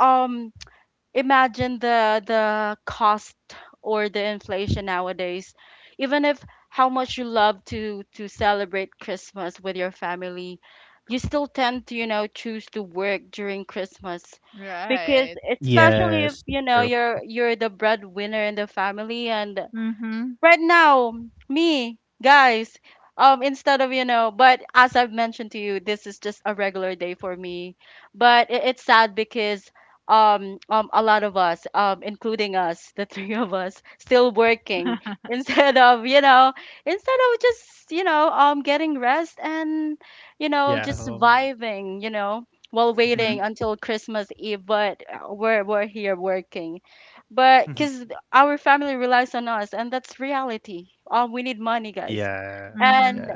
Speaker 1: um imagine the cost or the inflation nowadays, even if how much you love to celebrate Christmas with your family, you still tend to, you know, choose to work during Christmas, because
Speaker 3: Right.
Speaker 1: especially if,
Speaker 2: Yes.
Speaker 1: you know,
Speaker 2: True.
Speaker 1: you're the breadwinner in the family. And
Speaker 3: Mhm.
Speaker 1: right now, me, guys, instead of, you know, but as I've mentioned to you, this is just a regular day for me. But it, it's sad, because a lot of us, including us, the three of us, still working instead of, you know, instead of just, you know, getting rest and, you know,
Speaker 2: Yeah.
Speaker 1: just vibing, you know, while
Speaker 3: Mhm.
Speaker 1: waiting until Christmas Eve. But we're here working, but because our family relies on us, and that's reality. We need money, guys.
Speaker 2: Yeah.
Speaker 3: Mhm.
Speaker 2: Yeah.
Speaker 1: And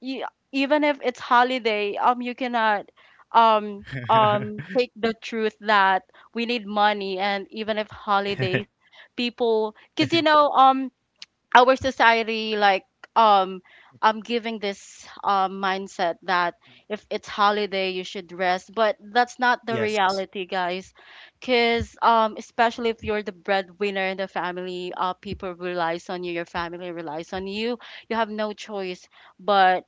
Speaker 1: you, even if it's holiday, you cannot take the truth that we need money, and even if holidays,
Speaker 2: Yeah.
Speaker 1: people, because you know, our society, like um I'm giving this mindset that if it's holiday you should rest, but that's not the
Speaker 2: Yes.
Speaker 1: reality, guys. Cause especially if you're the breadwinner in the family, people relies on you, your family relies on you. You have no choice but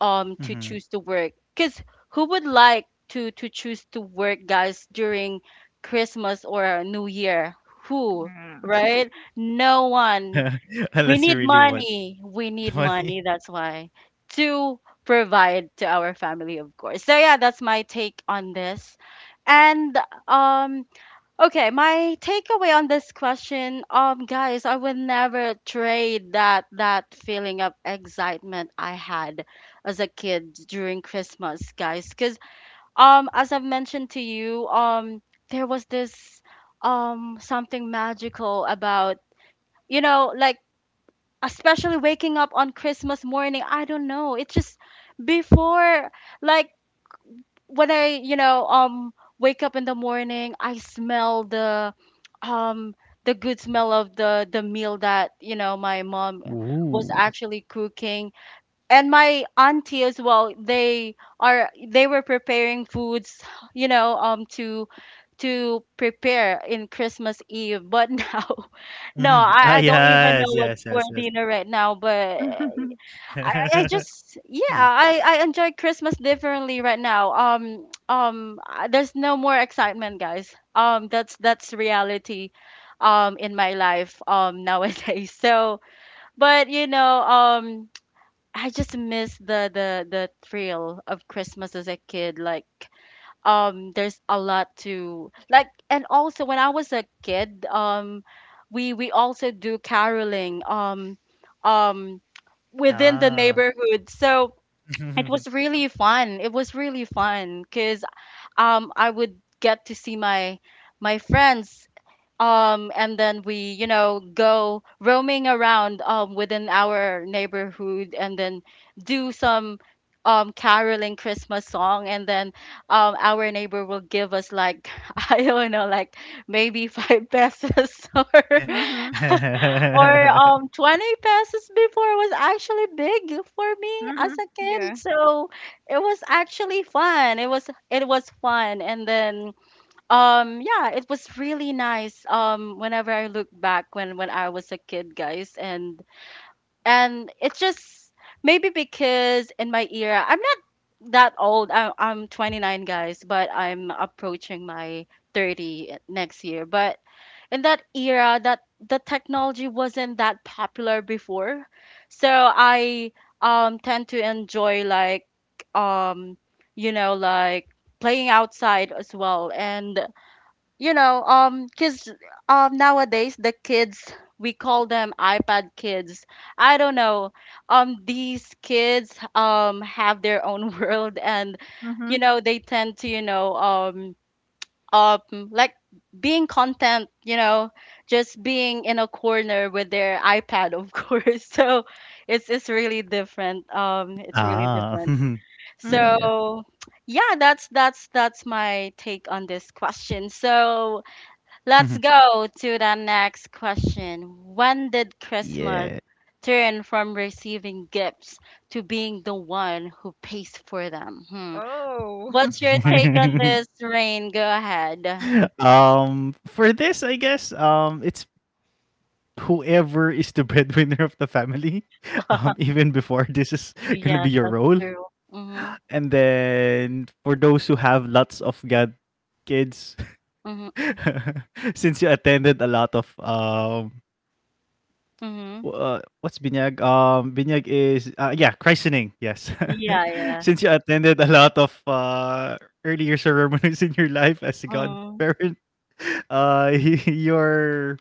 Speaker 1: to
Speaker 2: Mhm.
Speaker 1: choose to work. Cause who would like to choose to work, guys, during Christmas or New Year? Who,
Speaker 3: Yeah.
Speaker 1: right? No one. We
Speaker 2: Unless you
Speaker 1: need
Speaker 2: really want
Speaker 1: money. We need
Speaker 2: the money.
Speaker 1: money. That's why, to provide to our family, of course. So yeah, that's my take on this. And um, okay, my takeaway on this question, guys, I would never trade that feeling of excitement I had as a kid during Christmas, guys, because as I've mentioned to you, there was this something magical about, you know, like especially waking up on Christmas morning. I don't know. It's just before, like when I, you know, wake up in the morning, I smell um, the good smell of the meal that, you know, my mom was
Speaker 2: Ooh.
Speaker 1: actually cooking, and my auntie as well. They are, they were preparing foods, you know, to prepare in Christmas Eve. But now
Speaker 2: Mhm.
Speaker 1: no,
Speaker 2: Ah,
Speaker 1: I don't
Speaker 2: yes,
Speaker 1: even know
Speaker 2: yes,
Speaker 1: what's
Speaker 2: yes,
Speaker 1: for
Speaker 2: yes.
Speaker 1: dinner right now, but
Speaker 3: Mhm.
Speaker 1: I just, yeah,
Speaker 2: Mm.
Speaker 1: I enjoy Christmas differently right now. There's no more excitement, guys. That's reality in my life nowadays. So, but you know, I just miss the thrill of Christmas as a kid. Like there's a lot to like. And also when I was a kid, we also do caroling, um within the
Speaker 2: Ah.
Speaker 1: neighborhood. So it was really fun, it was really fun, because I would get to see my friends, and then we, you know, go roaming around within our neighborhood, and then do some caroling Christmas song, and then our neighbor will give us, like, I don't know, like maybe five pesos or
Speaker 3: Mhm.
Speaker 1: or um 20 pesos before was actually big for me as
Speaker 3: Mhm.
Speaker 1: a kid.
Speaker 3: Yeah.
Speaker 1: So it was actually fun, it was, it was fun. And then yeah, it was really nice. Whenever I look back when I was a kid, guys, and it's just, maybe because in my era, I'm not that old. I, I'm 29, guys, but I'm approaching my 30 next year. But in that era, that the technology wasn't that popular before. So I tend to enjoy, like um you know, like playing outside as well. And you know, because nowadays the kids, we call them iPad kids, I don't know, these kids have their own world. And you
Speaker 3: Mhm.
Speaker 1: know, they tend to, you know, um like being content, you know, just being in a corner with their iPad, of course. So it's really different, it's really
Speaker 2: Ah.
Speaker 1: different.
Speaker 2: Yeah, yeah.
Speaker 3: Mhm.
Speaker 1: So yeah, that's that's my take on this question. So
Speaker 2: Mhm.
Speaker 1: let's go to the next question. When did
Speaker 2: Yeah.
Speaker 1: Christmas turn from receiving gifts to being the one who pays for them? Hmm.
Speaker 3: Oh,
Speaker 1: What's your take on
Speaker 3: spicy
Speaker 1: this, Rain? Go ahead.
Speaker 2: For this, I guess, it's whoever is the breadwinner of the family, even before this is gonna be your
Speaker 1: Yes,
Speaker 2: role.
Speaker 1: that's true. Mhm.
Speaker 2: And then for those who have lots of god kids,
Speaker 1: Mhm.
Speaker 2: since you attended a lot of W
Speaker 1: Mhm.
Speaker 2: what's binyag? Binyag is, yeah, christening, yes.
Speaker 1: Yeah,
Speaker 2: Since you
Speaker 1: yeah.
Speaker 2: attended a lot of, earlier ceremonies in your life as a
Speaker 1: Mm.
Speaker 2: godparent, uh, your,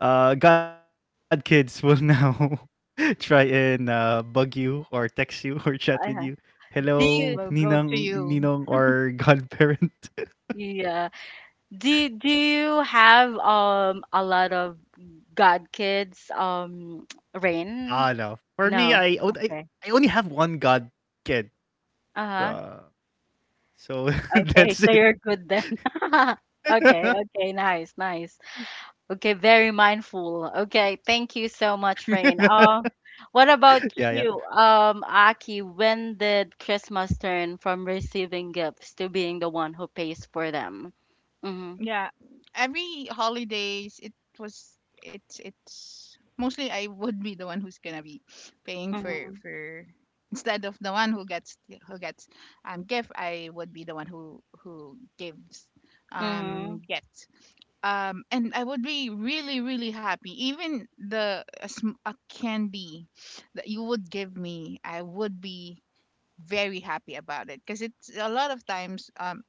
Speaker 2: godkids will now try and, bug you or text you or chat with you.
Speaker 1: I ha- Do
Speaker 2: "Hello,
Speaker 1: you,
Speaker 3: will go
Speaker 2: ninang
Speaker 3: to you.
Speaker 2: ninong or godparent."
Speaker 1: yeah. Do you have a lot of god kids,
Speaker 2: Ah, no. For
Speaker 1: Rain?
Speaker 2: me, I on I
Speaker 1: No.
Speaker 2: I only
Speaker 1: Okay.
Speaker 2: have one godkid,
Speaker 1: Uh-huh.
Speaker 2: uh so
Speaker 1: Okay,
Speaker 2: that's
Speaker 1: so
Speaker 2: it.
Speaker 1: you're good then. Okay, okay, nice, nice. Okay, very mindful. Okay, thank you so much, Rain. What
Speaker 2: Yeah, yeah.
Speaker 1: about you, Aki? When did Christmas turn from receiving gifts to being the one who pays for them? Mm-hmm,
Speaker 3: Yeah, every holidays was it's mostly I would be the one who's gonna be paying for
Speaker 1: mm-hmm,
Speaker 3: for instead of the one who gets gift. I would be the one who gives,
Speaker 1: mm-hmm,
Speaker 3: um, gets, um, and I would be really happy. Even the, a candy that you would give me, I would be very happy about it, because it's a lot of times, um,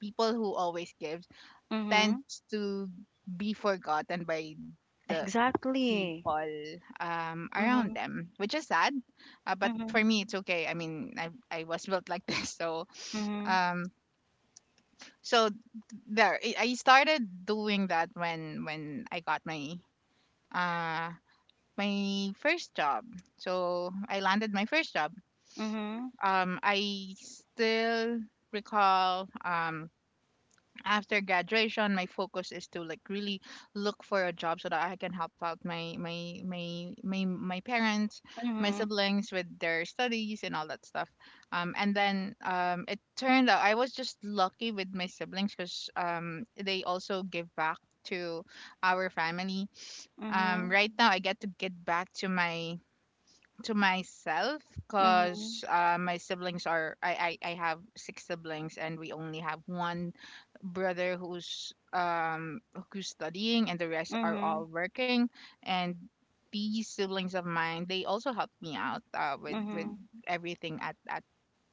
Speaker 3: people who always give
Speaker 1: mm-hmm.
Speaker 3: tends to be forgotten by the
Speaker 1: Exactly.
Speaker 3: people around
Speaker 1: Mm-hmm,
Speaker 3: them, which is sad. But
Speaker 1: mm-hmm,
Speaker 3: for me, it's okay. I mean, I was built like this, so,
Speaker 1: mm-hmm,
Speaker 3: um, so there. I started doing that when I got my uh my first job. So I landed my first job.
Speaker 1: mm-hmm,
Speaker 3: I still recall after graduation my focus is to, like, really look for a job so that I can help out my parents, my
Speaker 1: mm-hmm,
Speaker 3: siblings, with their studies and all that stuff. Um, and then, it turned out I was just lucky with my siblings because, they also give back to our family. Um,
Speaker 1: mm-hmm,
Speaker 3: right now I get to get back to my to myself, because, my siblings are, I have six siblings and we only have one brother who's, who's studying, and the rest are all
Speaker 1: mm-hmm,
Speaker 3: working. And these siblings of mine, they also helped me out, with
Speaker 1: mm-hmm,
Speaker 3: everything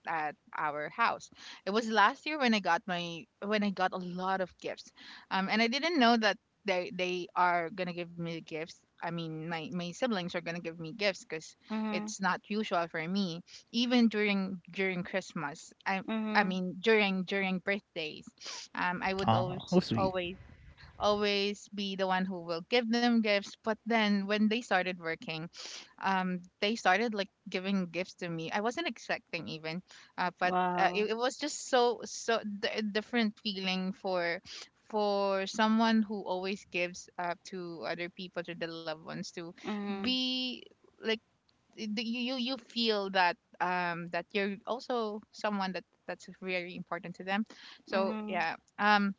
Speaker 3: at our house. It was last year when I got my when I got a lot of gifts. Um, and I didn't know that they are going to give me gifts. I mean, my siblings are going to give me gifts, cuz
Speaker 1: mm-hmm,
Speaker 3: it's not usual for me even during during Christmas. I
Speaker 1: mm-hmm.
Speaker 3: mean during during birthdays. Um, I would
Speaker 2: Oh, how sweet.
Speaker 3: always be the one who will give them gifts. But then when they started working, they started, like, giving gifts to me. I wasn't expecting even, but
Speaker 1: Wow.
Speaker 3: it was just so so different feeling for someone who always gives, to other people, to the loved ones, to
Speaker 1: Mhm,
Speaker 3: be like you feel that that you're also someone that that's very important to them. So,
Speaker 1: mhm,
Speaker 3: yeah, um,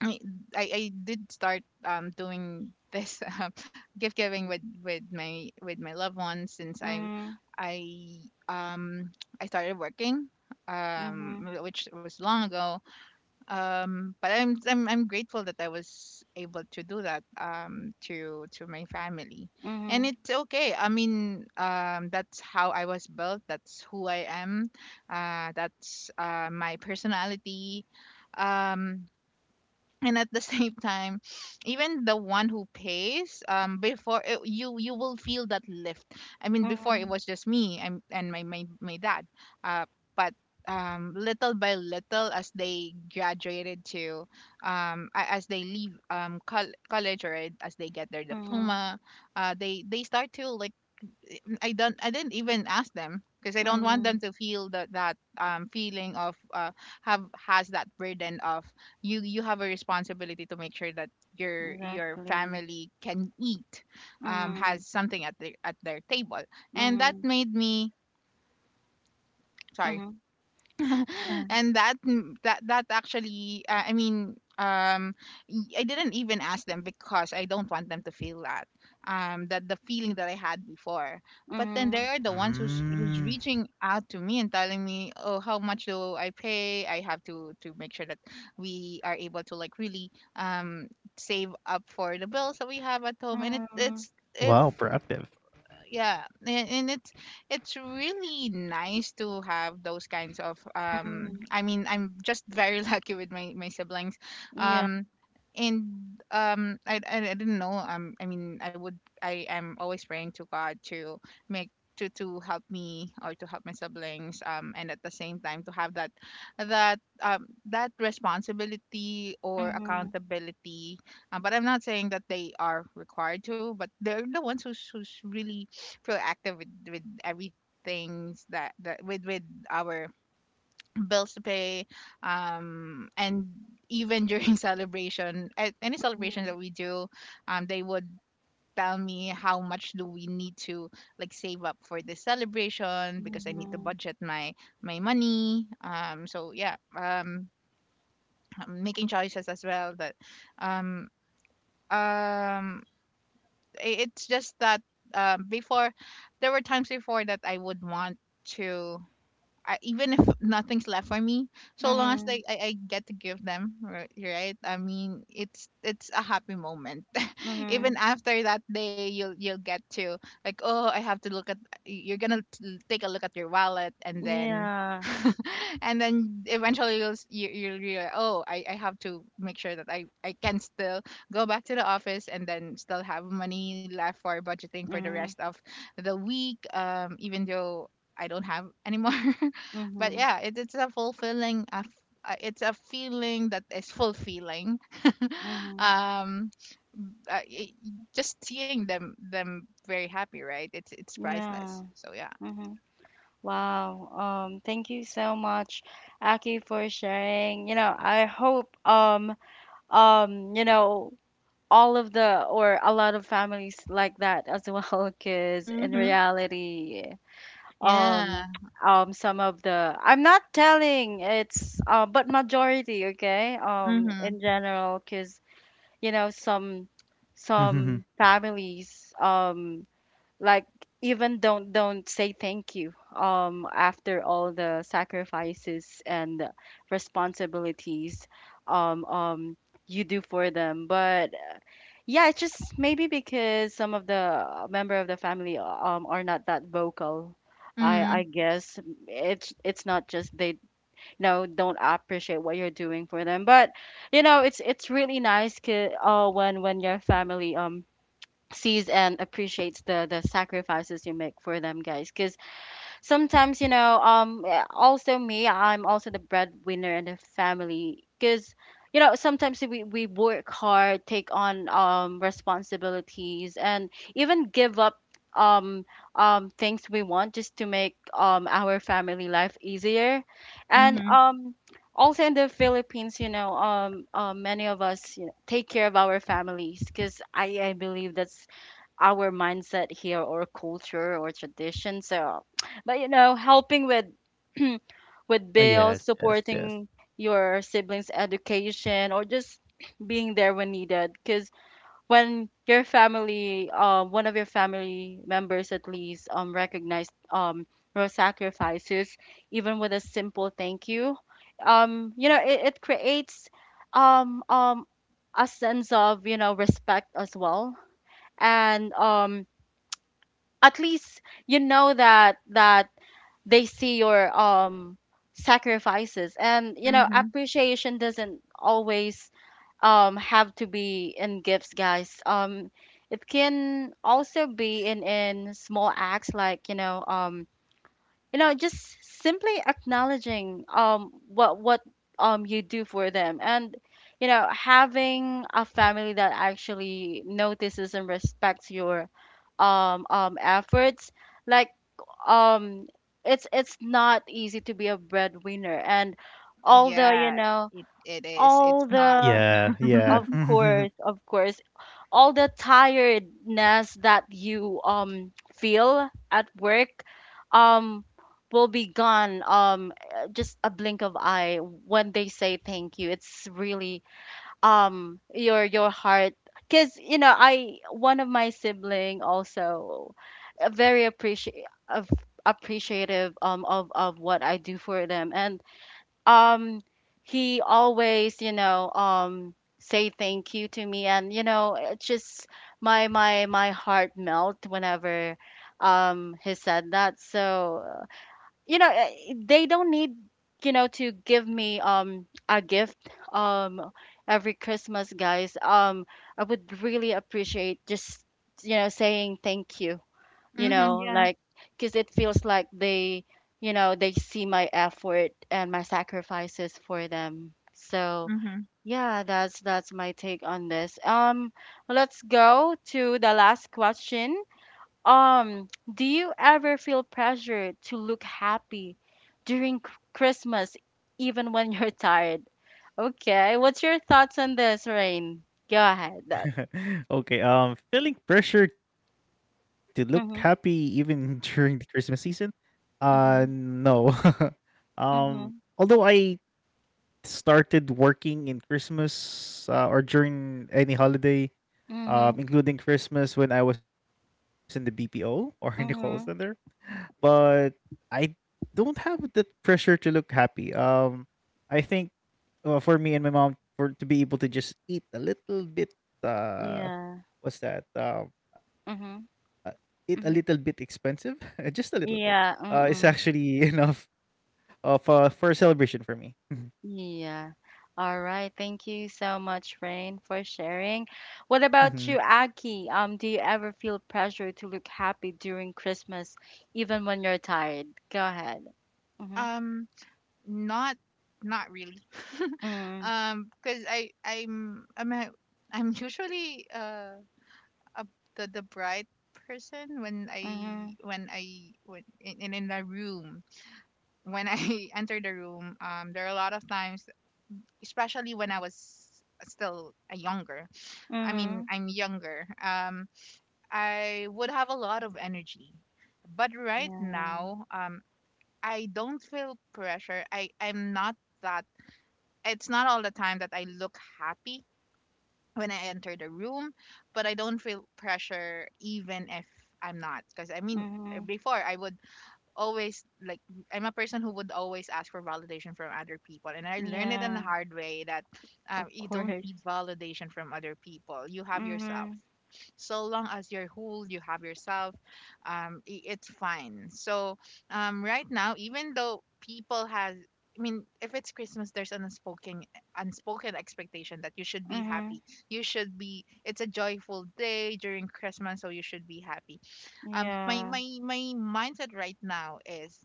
Speaker 3: I I did start doing this gift giving with my loved ones since
Speaker 1: mhm,
Speaker 3: I um I started working, um,
Speaker 1: mhm,
Speaker 3: which was long ago, um, but I'm grateful that I was able to do that, um, to my family. And
Speaker 1: mhm,
Speaker 3: it's okay, I mean, um, that's how I was built, that's who I am, uh, that's my personality. Um, and at the same time, even the one who pays before it, you will feel that lift. I mean, before it
Speaker 1: mhm,
Speaker 3: was just me and, my my dad, uh but, um, little by little as they graduated to, um, as they leave college or as they get their
Speaker 1: mhm,
Speaker 3: diploma, uh, they start to like, mm, I didn't even ask them, because I don't want
Speaker 1: mhm.
Speaker 3: them to feel that that feeling of, uh, have has that burden of, you have a responsibility to make sure that your
Speaker 1: Exactly.
Speaker 3: family can eat, um, has
Speaker 1: Mhm,
Speaker 3: something at their table. And that
Speaker 1: mhm,
Speaker 3: made me sorry
Speaker 1: mhm, uh,
Speaker 3: and that that actually, I mean, um, I didn't even ask them because I don't want them to feel that that the feeling that I had before. But then they
Speaker 1: mhm,
Speaker 3: are the ones who's who's
Speaker 2: Mm.
Speaker 3: reaching out to me and telling me, oh, how much do I pay, I have to make sure that we are able to, like, really save up for the bills that we have at home. And
Speaker 2: Wow,
Speaker 1: mhm,
Speaker 3: it's,
Speaker 2: proactive.
Speaker 3: if, yeah, and it's really nice to have those kinds of um,
Speaker 1: mhm.
Speaker 3: I mean, I'm just very lucky with my my siblings.
Speaker 1: Yeah.
Speaker 3: Um, and I didn't know, um, I mean, I would, I am always praying to God to make, to help me or to help my siblings, and at the same time to have that that responsibility or
Speaker 1: Mhm,
Speaker 3: accountability, but I'm not saying that they are required to, but they're the ones who's really proactive with everything that with our bills to pay, um, and even during celebration, at any celebration that
Speaker 1: mhm,
Speaker 3: we do, um, they would tell me how much do we need to, like, save up for this celebration, because I need to
Speaker 1: mhm,
Speaker 3: budget my money. Um, so, yeah, um, making choices as well that um um it's just that before there were times before that I would want to, I, even if nothing's left for me, so long as,
Speaker 1: mhm,
Speaker 3: like, I get to give them, right? Right? I mean, it's a happy moment. Even
Speaker 1: mhm.
Speaker 3: after that day, you'll get to, like, oh, I have to look at. You're gonna take a look at your wallet, and then
Speaker 1: Yeah.
Speaker 3: and then eventually you'll you, you'll realize, oh, I have to make sure that I can still go back to the office and then still have money left for budgeting for the
Speaker 1: Mhm,
Speaker 3: rest of the week. Even though I don't have anymore. But
Speaker 1: mhm,
Speaker 3: yeah, it's a fulfilling it's a feeling that is fulfilling.
Speaker 1: mhm.
Speaker 3: Um, just seeing them them very happy, right? It's priceless.
Speaker 1: Yeah.
Speaker 3: So, yeah.
Speaker 1: Mhm. Wow. Thank you so much, Aki, for sharing. You know, I hope you know, all of the, or a lot of families, like that as well, because in
Speaker 3: mm-hmm.
Speaker 1: reality
Speaker 3: Yeah.
Speaker 1: um some of the, I'm not telling it's, but majority, okay,
Speaker 3: mm-hmm.
Speaker 1: in general, because you know, some
Speaker 2: Mhm.
Speaker 1: families like even don't say thank you after all the sacrifices and responsibilities um um you do for them. But yeah, it's just, maybe because some of the member of the family are not that vocal. I
Speaker 3: Mm-hmm.
Speaker 1: I guess it's not just they, you know, don't appreciate what you're doing for them, but you know, it's really nice 'ca- when your family sees and appreciates the sacrifices you make for them, guys. Because sometimes, you know, also me, I'm also the breadwinner in the family, because you know, sometimes we work hard, take on responsibilities, and even give up um things we want just to make our family life easier. And
Speaker 3: Mm-hmm.
Speaker 1: also in the Philippines, you know, many of us, you know, take care of our families, because I believe that's our mindset here, or culture, or tradition. So, but you know, helping with with
Speaker 2: Ah,
Speaker 1: bills,
Speaker 2: yes, yes, yes.
Speaker 1: supporting your siblings' education, or just being there when needed. Because when your family, one of your family members at least, recognize your sacrifices, even with a simple thank you, it creates um um a sense of, respect as well. And at least you know that they see your sacrifices. And
Speaker 3: Mm-hmm.
Speaker 1: appreciation doesn't always have to be in gifts, guys. It can also be in small acts, like, just simply acknowledging what you do for them. And having a family that actually notices and respects your efforts. Like, um it's not easy to be a breadwinner, and all the, you
Speaker 3: Yeah,
Speaker 1: know
Speaker 3: it is, it's
Speaker 1: all
Speaker 3: not
Speaker 1: the
Speaker 2: Yeah, yeah.
Speaker 1: of course all the tiredness that you feel at work um will be gone, just a blink of eye. When they say thank you, it's really your heart. Because, I, one of my sibling also, very appreciate appreciative of, what I do for them. And um he always, say thank you to me, and, it just, my heart melt whenever he said that. So, they don't need, to give me a gift um every Christmas, guys. I would really appreciate just, saying thank you, you
Speaker 3: mm-hmm.
Speaker 1: know,
Speaker 3: Yeah.
Speaker 1: like, because it feels like they, they see my effort and my sacrifices for them. So,
Speaker 3: mm-hmm.
Speaker 1: yeah, that's my take on this. Let's go to the last question. Do you ever feel pressure to look happy during Christmas even when you're tired? Okay, what's your thoughts on this, Rain? Go ahead.
Speaker 2: Okay, feeling pressure to look happy even
Speaker 1: Mm-hmm.
Speaker 2: during the Christmas season?
Speaker 1: Mm-hmm.
Speaker 2: No. Um,
Speaker 1: Mm-hmm.
Speaker 2: Although I started working in Christmas, or during any holiday,
Speaker 1: Mm-hmm.
Speaker 2: including Christmas when I was in the BPO or in the call center,
Speaker 1: Mm-hmm,
Speaker 2: but I don't have the pressure to look happy. I think for me and my mom, for to be able to just eat a little bit, uh,
Speaker 1: yeah.
Speaker 2: what's that? Uh, eat a
Speaker 1: Mhm.
Speaker 2: little bit expensive,
Speaker 1: Mhm.
Speaker 2: just a little bit. It's
Speaker 1: Yeah, mm-mm.
Speaker 2: actually enough of for a celebration for me.
Speaker 1: Yeah. All right. Thank you so much, Rain, for sharing. What about
Speaker 2: Mhm.
Speaker 1: you, Aki? Do you ever feel pressure to look happy during Christmas, even when you're tired? Go ahead. Mm-hmm.
Speaker 3: Um, not not really.
Speaker 1: Mm.
Speaker 3: Um, because I'm a, I'm usually uh, the bright person when I,
Speaker 1: Mhm.
Speaker 3: when I, when in, in the room, when I enter the room. Um, there are a lot of times, especially when I was still a younger, I mean,
Speaker 1: Mhm.
Speaker 3: I'm younger, um, I would have a lot of energy, but right
Speaker 1: Yeah.
Speaker 3: now I don't feel pressure. I'm not that, it's not all the time that I look happy when I enter the room, but I don't feel pressure even if I'm not. Because I mean,
Speaker 1: Mhm.
Speaker 3: before I would always like, I'm a person who would always ask for validation from other people, and I learned it in the
Speaker 1: Yeah.
Speaker 3: hard way that,
Speaker 1: Of
Speaker 3: you don't need
Speaker 1: course.
Speaker 3: validation from other people. You have yourself.
Speaker 1: Mhm.
Speaker 3: So long as you're whole, you have yourself. It's fine. So, right now, even though people has, I mean, if it's Christmas, there's an unspoken, unspoken expectation that you should be
Speaker 1: Mhm.
Speaker 3: happy. You should be. It's a joyful day during Christmas, so you should be happy. Um,
Speaker 1: Yeah.
Speaker 3: my mindset right now is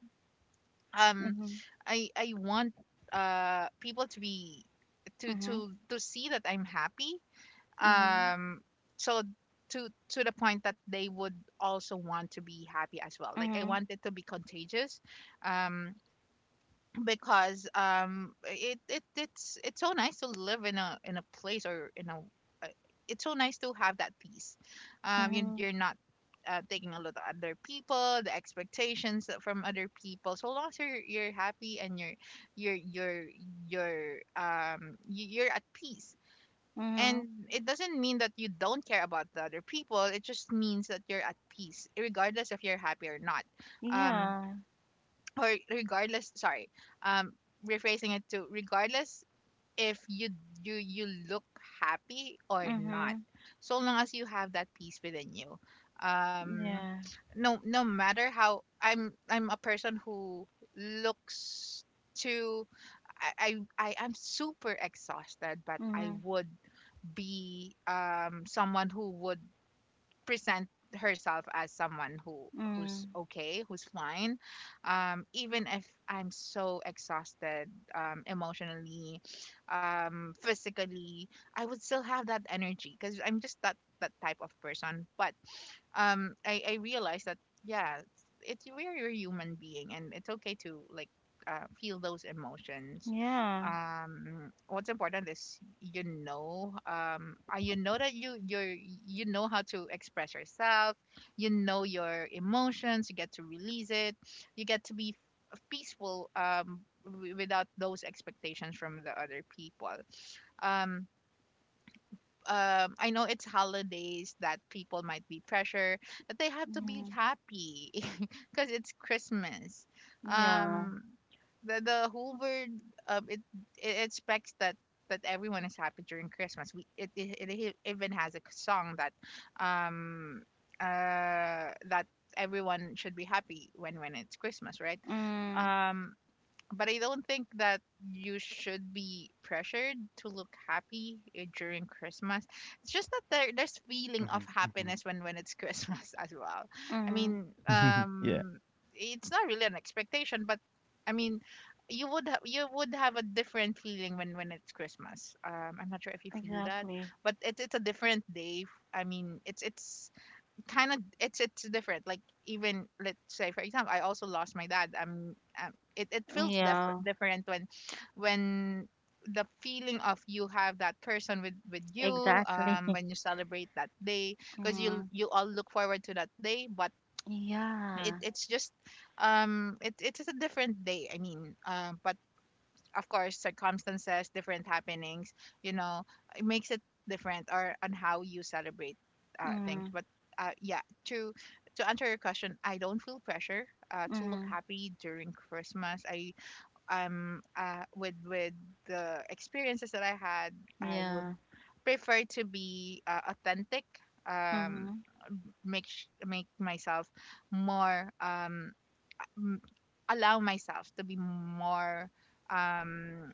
Speaker 3: um
Speaker 1: Mhm.
Speaker 3: I want people to be
Speaker 1: Mhm.
Speaker 3: to see that I'm happy,
Speaker 1: Mhm.
Speaker 3: um, so to the point that they would also want to be happy as well, like, I
Speaker 1: Mhm.
Speaker 3: want it to be contagious. Um, because um, it's so nice to live in a, in a place or in a, uh, it's so nice to have that peace you,
Speaker 1: Mhm.
Speaker 3: you're not taking a lot of other people, the expectations that from other people, so long as you're happy and you're you're you're you're at peace. And
Speaker 1: Mhm.
Speaker 3: it doesn't mean that you don't care about the other people, it just means that you're at peace regardless if you're happy or not. Um,
Speaker 1: Yeah.
Speaker 3: or regardless, sorry, um, rephrasing it to regardless if you look happy or not,
Speaker 1: Mhm.
Speaker 3: so long as you have that peace within you. Um,
Speaker 1: Yeah.
Speaker 3: no, no matter how, I'm a person who looks to I am super exhausted but I
Speaker 1: Mhm.
Speaker 3: would be someone who would present herself as someone who who's
Speaker 1: Mm.
Speaker 3: okay, who's fine, um, even if I'm so exhausted, um, emotionally, um, physically, I would still have that energy because I'm just that that type of person. But, um, I realized that, yeah, it's, we're a human being and it's okay to, like, feel those emotions.
Speaker 1: Yeah.
Speaker 3: Um, what's important is, you know, um, you know that you're, you know how to express yourself, you know your emotions, you get to release it, you get to be peaceful, um, without those expectations from the other people. um I know it's holidays that people might be pressure that they have to be
Speaker 1: Mm.
Speaker 3: happy because it's Christmas.
Speaker 1: Yeah.
Speaker 3: Um, the whole word, um, it expects that everyone is happy during Christmas. We, it even has a song that, um, that everyone should be happy when it's Christmas, right?
Speaker 1: Mm.
Speaker 3: Um, but I don't think that you should be pressured to look happy, eh, during Christmas. It's just that there, there's feeling of
Speaker 2: Mhm. Mhm.
Speaker 3: happiness when it's Christmas as well. I mean,
Speaker 1: Mm.
Speaker 2: Yeah.
Speaker 3: it's not really an expectation, but I mean, you would you would have a different feeling when it's Christmas. I'm not sure if you feel that,
Speaker 1: Exactly.
Speaker 3: but it's a different day. I mean, it's kind of, it's different, like, even let's say, for example, I also lost my dad, it feels
Speaker 1: Yeah.
Speaker 3: different when the feeling of you have that person with you
Speaker 1: Exactly.
Speaker 3: when you celebrate that day, because you
Speaker 1: Mm.
Speaker 3: you all look forward to that day, but
Speaker 1: Yeah.
Speaker 3: it's just it's a different day. I mean, um, but of course circumstances, different happenings, you know, it makes it different or on how you celebrate, things.
Speaker 1: Mm.
Speaker 3: But, yeah, to to answer your question, I don't feel pressure, to look
Speaker 1: Mm.
Speaker 3: happy during Christmas. I Um, with the experiences that I had, I would
Speaker 1: Yeah.
Speaker 3: prefer to be, authentic, um,
Speaker 1: Mhm.
Speaker 3: make make myself more m- allow myself to be more, um,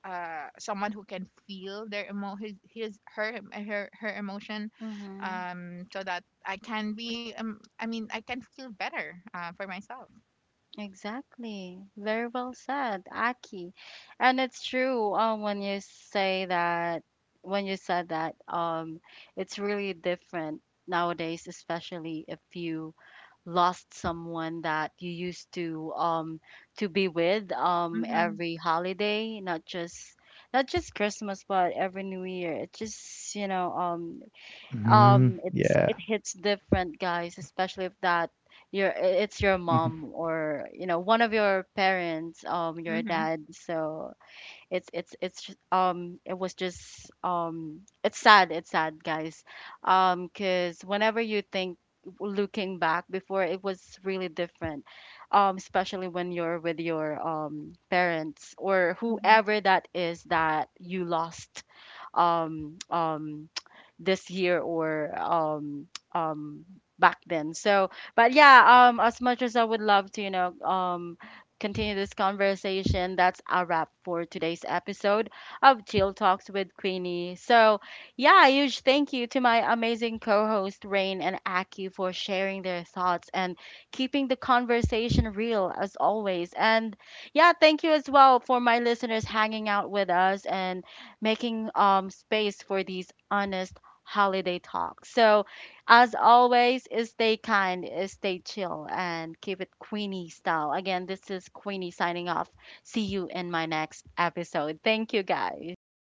Speaker 3: uh, someone who can feel their emo, his her emotion,
Speaker 1: Mhm.
Speaker 3: um, so that I can be I mean, I can feel better, for myself.
Speaker 1: Exactly. Very well said, Aki. And it's true, when you said that, it's really different nowadays, especially if you lost someone that you used to, to be with,
Speaker 3: Mm-hmm,
Speaker 1: every holiday. Not just, Christmas, but every New Year. It just,
Speaker 2: Mm,
Speaker 1: it's
Speaker 2: yeah.
Speaker 1: it hits different, guys. Especially if that, your it's your mom, or, one of your parents, your dad. So it was just it's sad, guys. 'Cause whenever you think, looking back, before, it was really different, especially when you're with your, parents or
Speaker 3: hmm
Speaker 1: whoever that is that you lost, um um this year, or um back then. So, but yeah, as much as I would love to, continue this conversation. That's a wrap for today's episode of Chill Talks with Queenie. So, yeah, a huge thank you to my amazing co host, Rain and Aki, for sharing their thoughts and keeping the conversation real, as always. And, yeah, thank you as well for my listeners hanging out with us and making, space for these honest holiday talks. So, as always, stay kind, stay chill, and keep it Queenie style. Again, this is Queenie signing off. See you in my next episode. Thank you, guys.